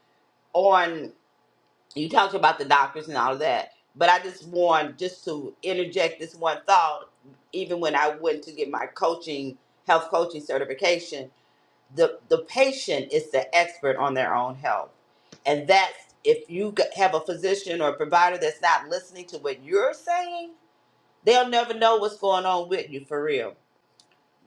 on. you talked about the doctors and all of that, but I just want just to interject this one thought. Even when I went to get my coaching, health coaching certification, the the patient is the expert on their own health, and that's if you g- have a physician or a provider that's not listening to what you're saying, they'll never know what's going on with you for real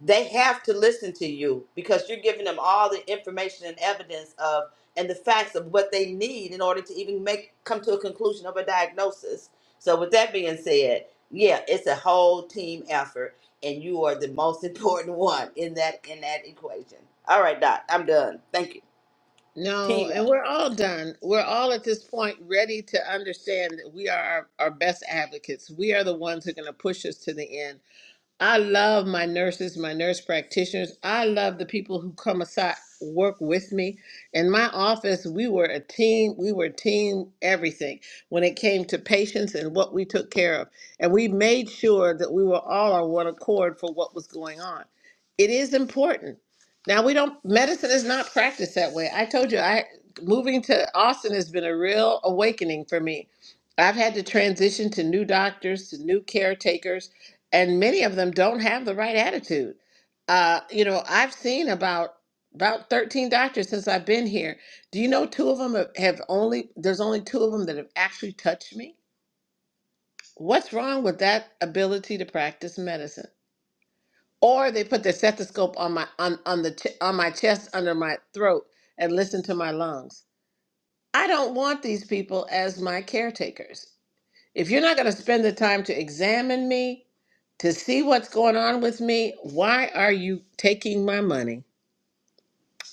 they have to listen to you because you're giving them all the information and evidence of and the facts of what they need in order to even make come to a conclusion of a diagnosis. So with that being said, yeah, it's a whole team effort and you are the most important one in that in that equation. All right, Doc, I'm done. Thank you. no Team and effort. we're all done we're all at this point ready to understand that we are our, our best advocates we are the ones who are going to push us to the end I love my nurses, my nurse practitioners. I love the people who come aside, work with me. In my office, we were a team. We were team everything when it came to patients and what we took care of. And we made sure that we were all on one accord for what was going on. It is important. Now, we don't, medicine is not practiced that way. I told you, I moving to Austin has been a real awakening for me. I've had to transition to new doctors, to new caretakers and many of them don't have the right attitude. Uh, you know, I've seen about about 13 doctors since I've been here. Do you know two of them have, have only there's only two of them that have actually touched me? What's wrong with that ability to practice medicine? Or they put their stethoscope on my on on the ch- on my chest under my throat and listen to my lungs. I don't want these people as my caretakers. If you're not going to spend the time to examine me, to see what's going on with me, why are you taking my money?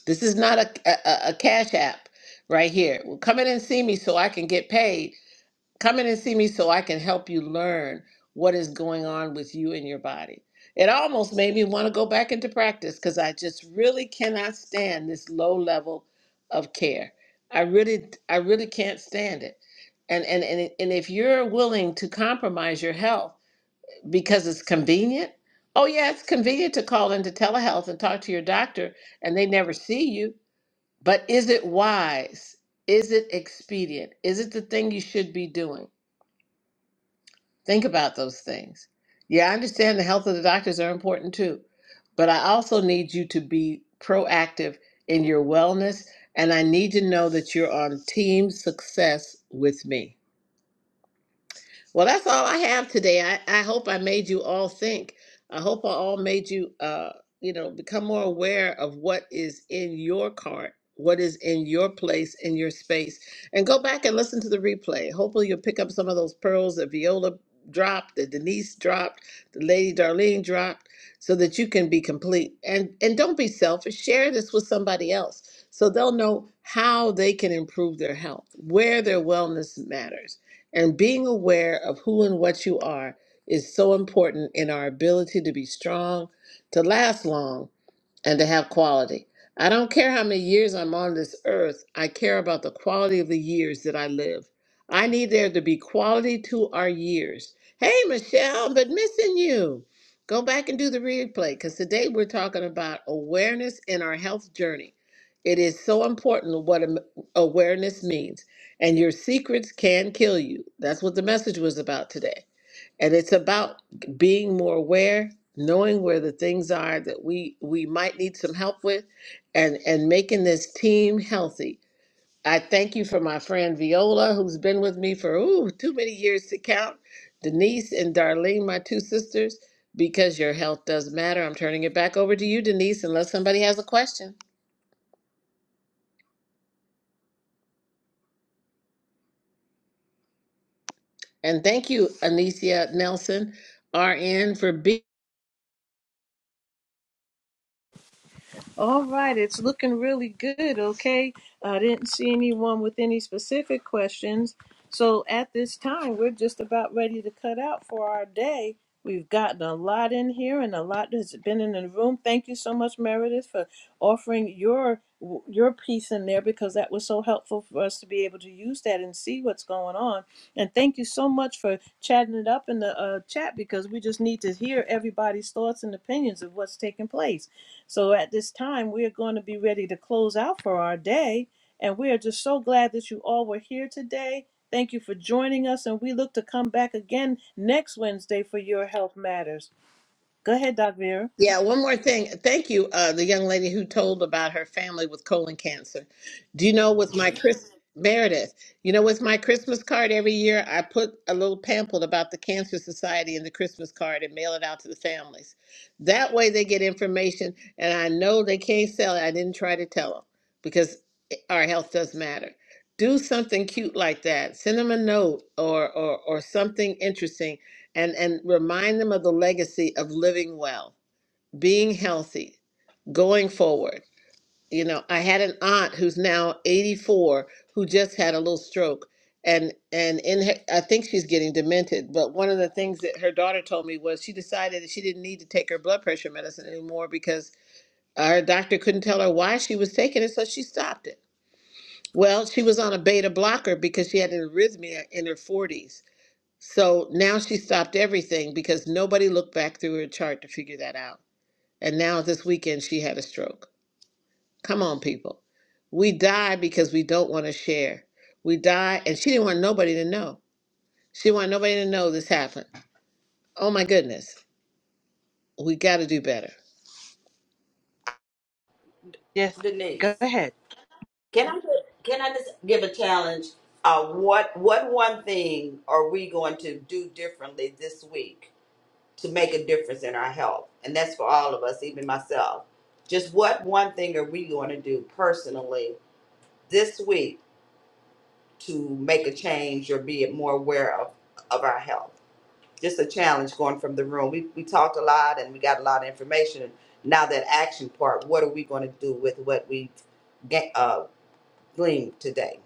This is not a, a, a a cash app right here. Well, come in and see me so I can get paid Come in and see me so I can help you learn what is going on with you and your body. It almost made me want to go back into practice because I just really cannot stand this low level of care. I really, I really can't stand it. And and and and if you're willing to compromise your health because it's convenient, oh yeah, it's convenient to call into telehealth and talk to your doctor, and they never see you. But is it wise? Is it expedient? Is it the thing you should be doing? Think about those things. Yeah, I understand the health of the doctors are important too, but I also need you to be proactive in your wellness, and I need to know that you're on team success with me. Well, that's all I have today. I, I hope I made you all think. I hope I all made you, uh, you know, become more aware of what is in your cart, what is in your place, in your space, and go back and listen to the replay. Hopefully, you'll pick up some of those pearls that Viola dropped, that Denise dropped, the Lady Darlene dropped, so that you can be complete. And and don't be selfish. Share this with somebody else so they'll know how they can improve their health, where their wellness matters and being aware of who and what you are is so important in our ability to be strong, to last long, and to have quality. I don't care how many years I'm on this earth, I care about the quality of the years that I live. I need there to be quality to our years. Hey, Michelle, but missing you. Go back and do the replay because today we're talking about awareness in our health journey. It is so important what am- awareness means, and your secrets can kill you. That's what the message was about today and it's about being more aware knowing where the things are that we we might need some help with and and making this team healthy i thank you for my friend viola who's been with me for ooh too many years to count denise and darlene my two sisters because your health does matter i'm turning it back over to you denise unless somebody has a question and thank you anicia nelson rn for being All right, it's looking really good. Okay, I didn't see anyone with any specific questions. So at this time, we're just about ready to cut out for our day. We've gotten a lot in here and a lot has been in the room. Thank you so much, Meredith, for offering your your piece in there because that was so helpful for us to be able to use that and see what's going on. And thank you so much for chatting it up in the uh, chat because we just need to hear everybody's thoughts and opinions of what's taking place. So at this time, we are going to be ready to close out for our day. And we are just so glad that you all were here today. Thank you for joining us. And we look to come back again next Wednesday for Your Health Matters. Go ahead, Doc Vera. Yeah, one more thing. Thank you, uh, the young lady who told about her family with colon cancer. Do you know with my Chris Meredith? You know, with my Christmas card every year, I put a little pamphlet about the Cancer Society in the Christmas card and mail it out to the families. That way, they get information, and I know they can't sell it. I didn't try to tell them because our health does matter. Do something cute like that. Send them a note or or or something interesting, and and remind them of the legacy of living well being healthy, going forward. You know, I had an aunt who's now 84 who just had a little stroke and and in her, I think she's getting demented, but one of the things that her daughter told me was she decided that she didn't need to take her blood pressure medicine anymore because her doctor couldn't tell her why she was taking it, so she stopped it. Well, she was on a beta blocker because she had an arrhythmia in her 40s. So now she stopped everything because nobody looked back through her chart to figure that out. And now this weekend she had a stroke. Come on, people. We die because we don't want to share. We die, and she didn't want nobody to know. She wanted nobody to know this happened. Oh my goodness, we got to do better. Yes, go Denise. ahead. Can I can I just give a challenge? Uh, what what one thing are we going to do differently this week? to make a difference in our health. And that's for all of us, even myself. Just what one thing are we going to do personally this week to make a change or be more aware of, of our health? Just a challenge going from the room. We, we talked a lot and we got a lot of information. And now that action part, what are we going to do with what we've ga- uh, gleaned today?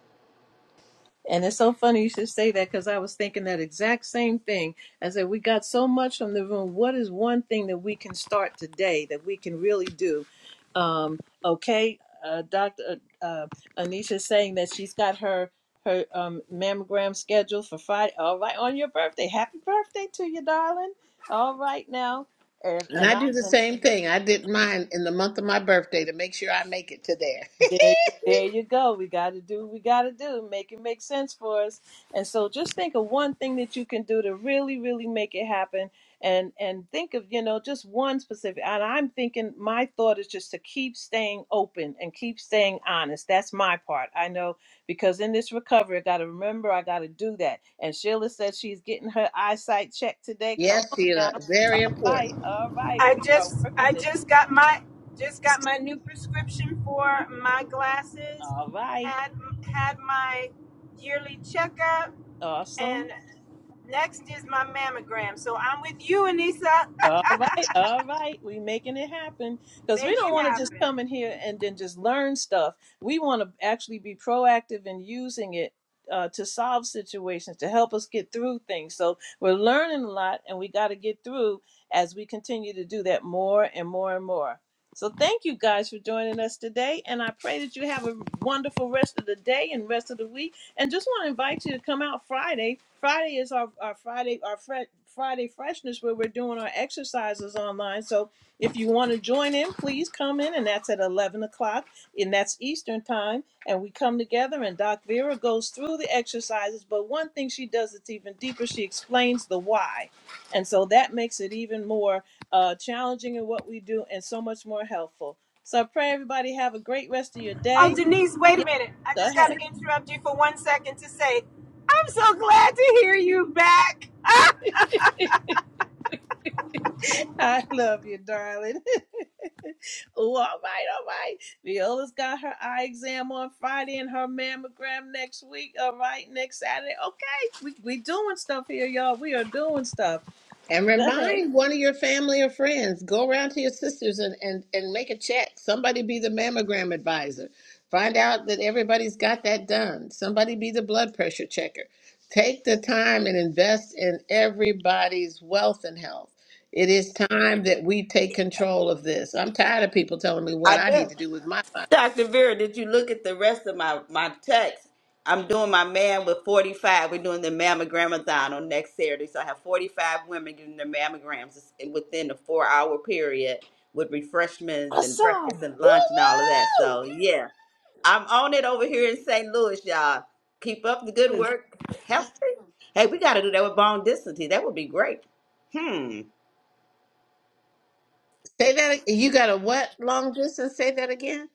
And it's so funny you should say that because I was thinking that exact same thing. I said, We got so much from the room. What is one thing that we can start today that we can really do? Um, okay, uh, Dr. Uh, uh, Anisha is saying that she's got her her um, mammogram scheduled for Friday. All right, on your birthday. Happy birthday to you, darling. All right now. And And and I I do the and same thing. I did mine in the month of my birthday to make sure I make it to there. There, there you go. We got to do what we got to do. Make it make sense for us. And so just think of one thing that you can do to really, really make it happen. And and think of, you know, just one specific. And I'm thinking my thought is just to keep staying open and keep staying honest. That's my part. I know because in this recovery, I got to remember I got to do that. And Sheila said she's getting her eyesight checked today. Come yes, on now. Sheila, very All important. right. All right. I We are just I working this. just got my just got my new prescription for my glasses. All right. Had had my yearly checkup Awesome. And next is my mammogram. So I'm with you, Anissa. All right, all right. We making it happen because we Make don't it want to just happen. come in here and then just learn stuff. We want to actually be proactive in using it uh, to solve situations, to help us get through things. So we're learning a lot, and we got to get through as we continue to do that more and more and more. So thank you guys for joining us today, and I pray that you have a wonderful rest of the day and rest of the week and just want to invite you to come out Friday. Friday is our, our Friday our Fri- Friday freshness where we're doing our exercises online. So if you want to join in, please come in, and that's at eleven o'clock, and that's Eastern time. And we come together, and Doc Vera goes through the exercises. But one thing she does that's even deeper, she explains the why, and so that makes it even more uh, challenging in what we do, and so much more helpful. So I pray everybody have a great rest of your Oh, day. Denise, wait a Yeah, minute. I go just got ahead. to interrupt you for one second to say, I'm so glad to hear you back. I love you, darling. Oh, all right, all right. Viola's got her eye exam on Friday and her mammogram next week. All right, next Saturday. Okay, we we doing stuff here, y'all. We are doing stuff. And Go ahead. remind one of your family or friends. Go around to your sisters and, and, and make a check. Somebody be the mammogram advisor. Find out that everybody's got that done. Somebody be the blood pressure checker. Take the time and invest in everybody's wealth and health. It is time that we take control of this. I'm tired of people telling me what I I need do. to do with my life. Dr. Vera, did you look at the rest of my, my text? I'm doing my man with 45. We're doing the mammogramathon on next Saturday. So I have 45 women getting their mammograms within a four hour period with refreshments and breakfast Awesome. and lunch and all of that. Woo-woo! So, yeah, I'm on it over here in St. Louis, y'all. Keep up the good work. Help me. Hey, we got to do that with bone density. That would be great. Hmm. Say that. You got a what long distance? Say that again.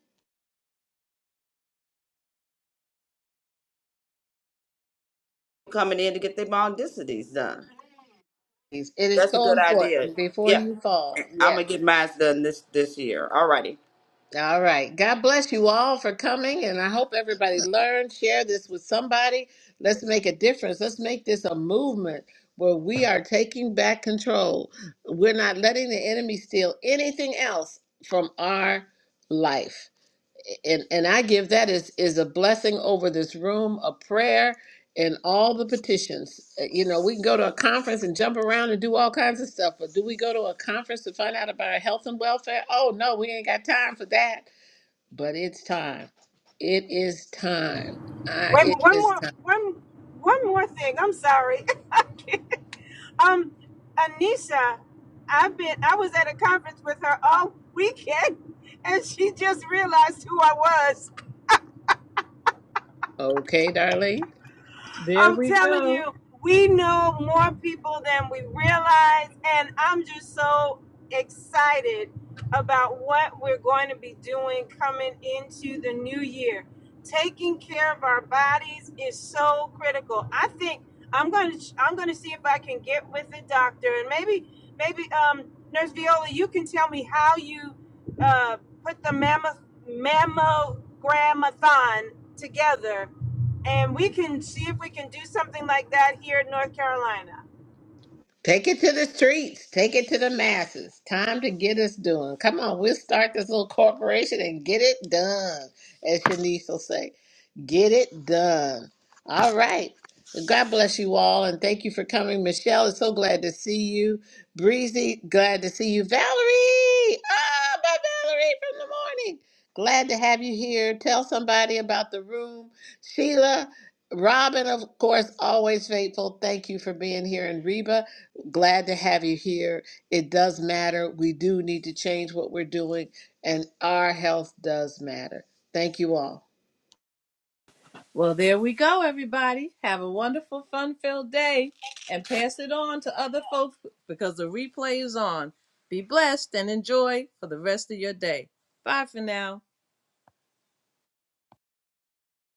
Coming in to get their bone densities done. It is That's a so good idea. important before Yeah. you fall. I'm gonna Yes. get mine done this this year. Alrighty. All right. God bless you all for coming, and I hope everybody learned. Share this with somebody. Let's make a difference. Let's make this a movement where we are taking back control. We're not letting the enemy steal anything else from our life. And and I give that is is a blessing over this room, a prayer, and all the petitions. Uh, You know, we can go to a conference and jump around and do all kinds of stuff, but do we go to a conference to find out about our health and welfare? Oh no, we ain't got time for that but it's time. It is time. I, Wait, it one is more, time. one, one more thing. I'm sorry. um, Anissa, I've been, I was at a conference with her all weekend, and she just realized who I was. Okay, darling. There I'm we telling go. you, we know more people than we realize, and I'm just so excited about what we're going to be doing coming into the new year. Taking care of our bodies is so critical. I think I'm going to I'm going to see if I can get with the doctor and maybe maybe um Nurse Viola, you can tell me how you uh, put the mammoth mammogramathon together and we can see if we can do something like that here in North Carolina. Take it to the streets. Take it to the masses. Time to get us doing. Come on, we'll start this little corporation and get it done, as Shanice will say. Get it done. All right. Well, God bless you all, and thank you for coming. Michelle is so glad to see you. Breezy, glad to see you. Valerie, ah, my Valerie from the morning. Glad to have you here. Tell somebody about the room. Sheila, Robin, of course, always faithful. Thank you for being here. And Reba, glad to have you here. It does matter. We do need to change what we're doing, and our health does matter. Thank you all. Well, there we go, everybody. Have a wonderful, fun-filled day, and pass it on to other folks because the replay is on. Be blessed and enjoy for the rest of your day. Bye for now.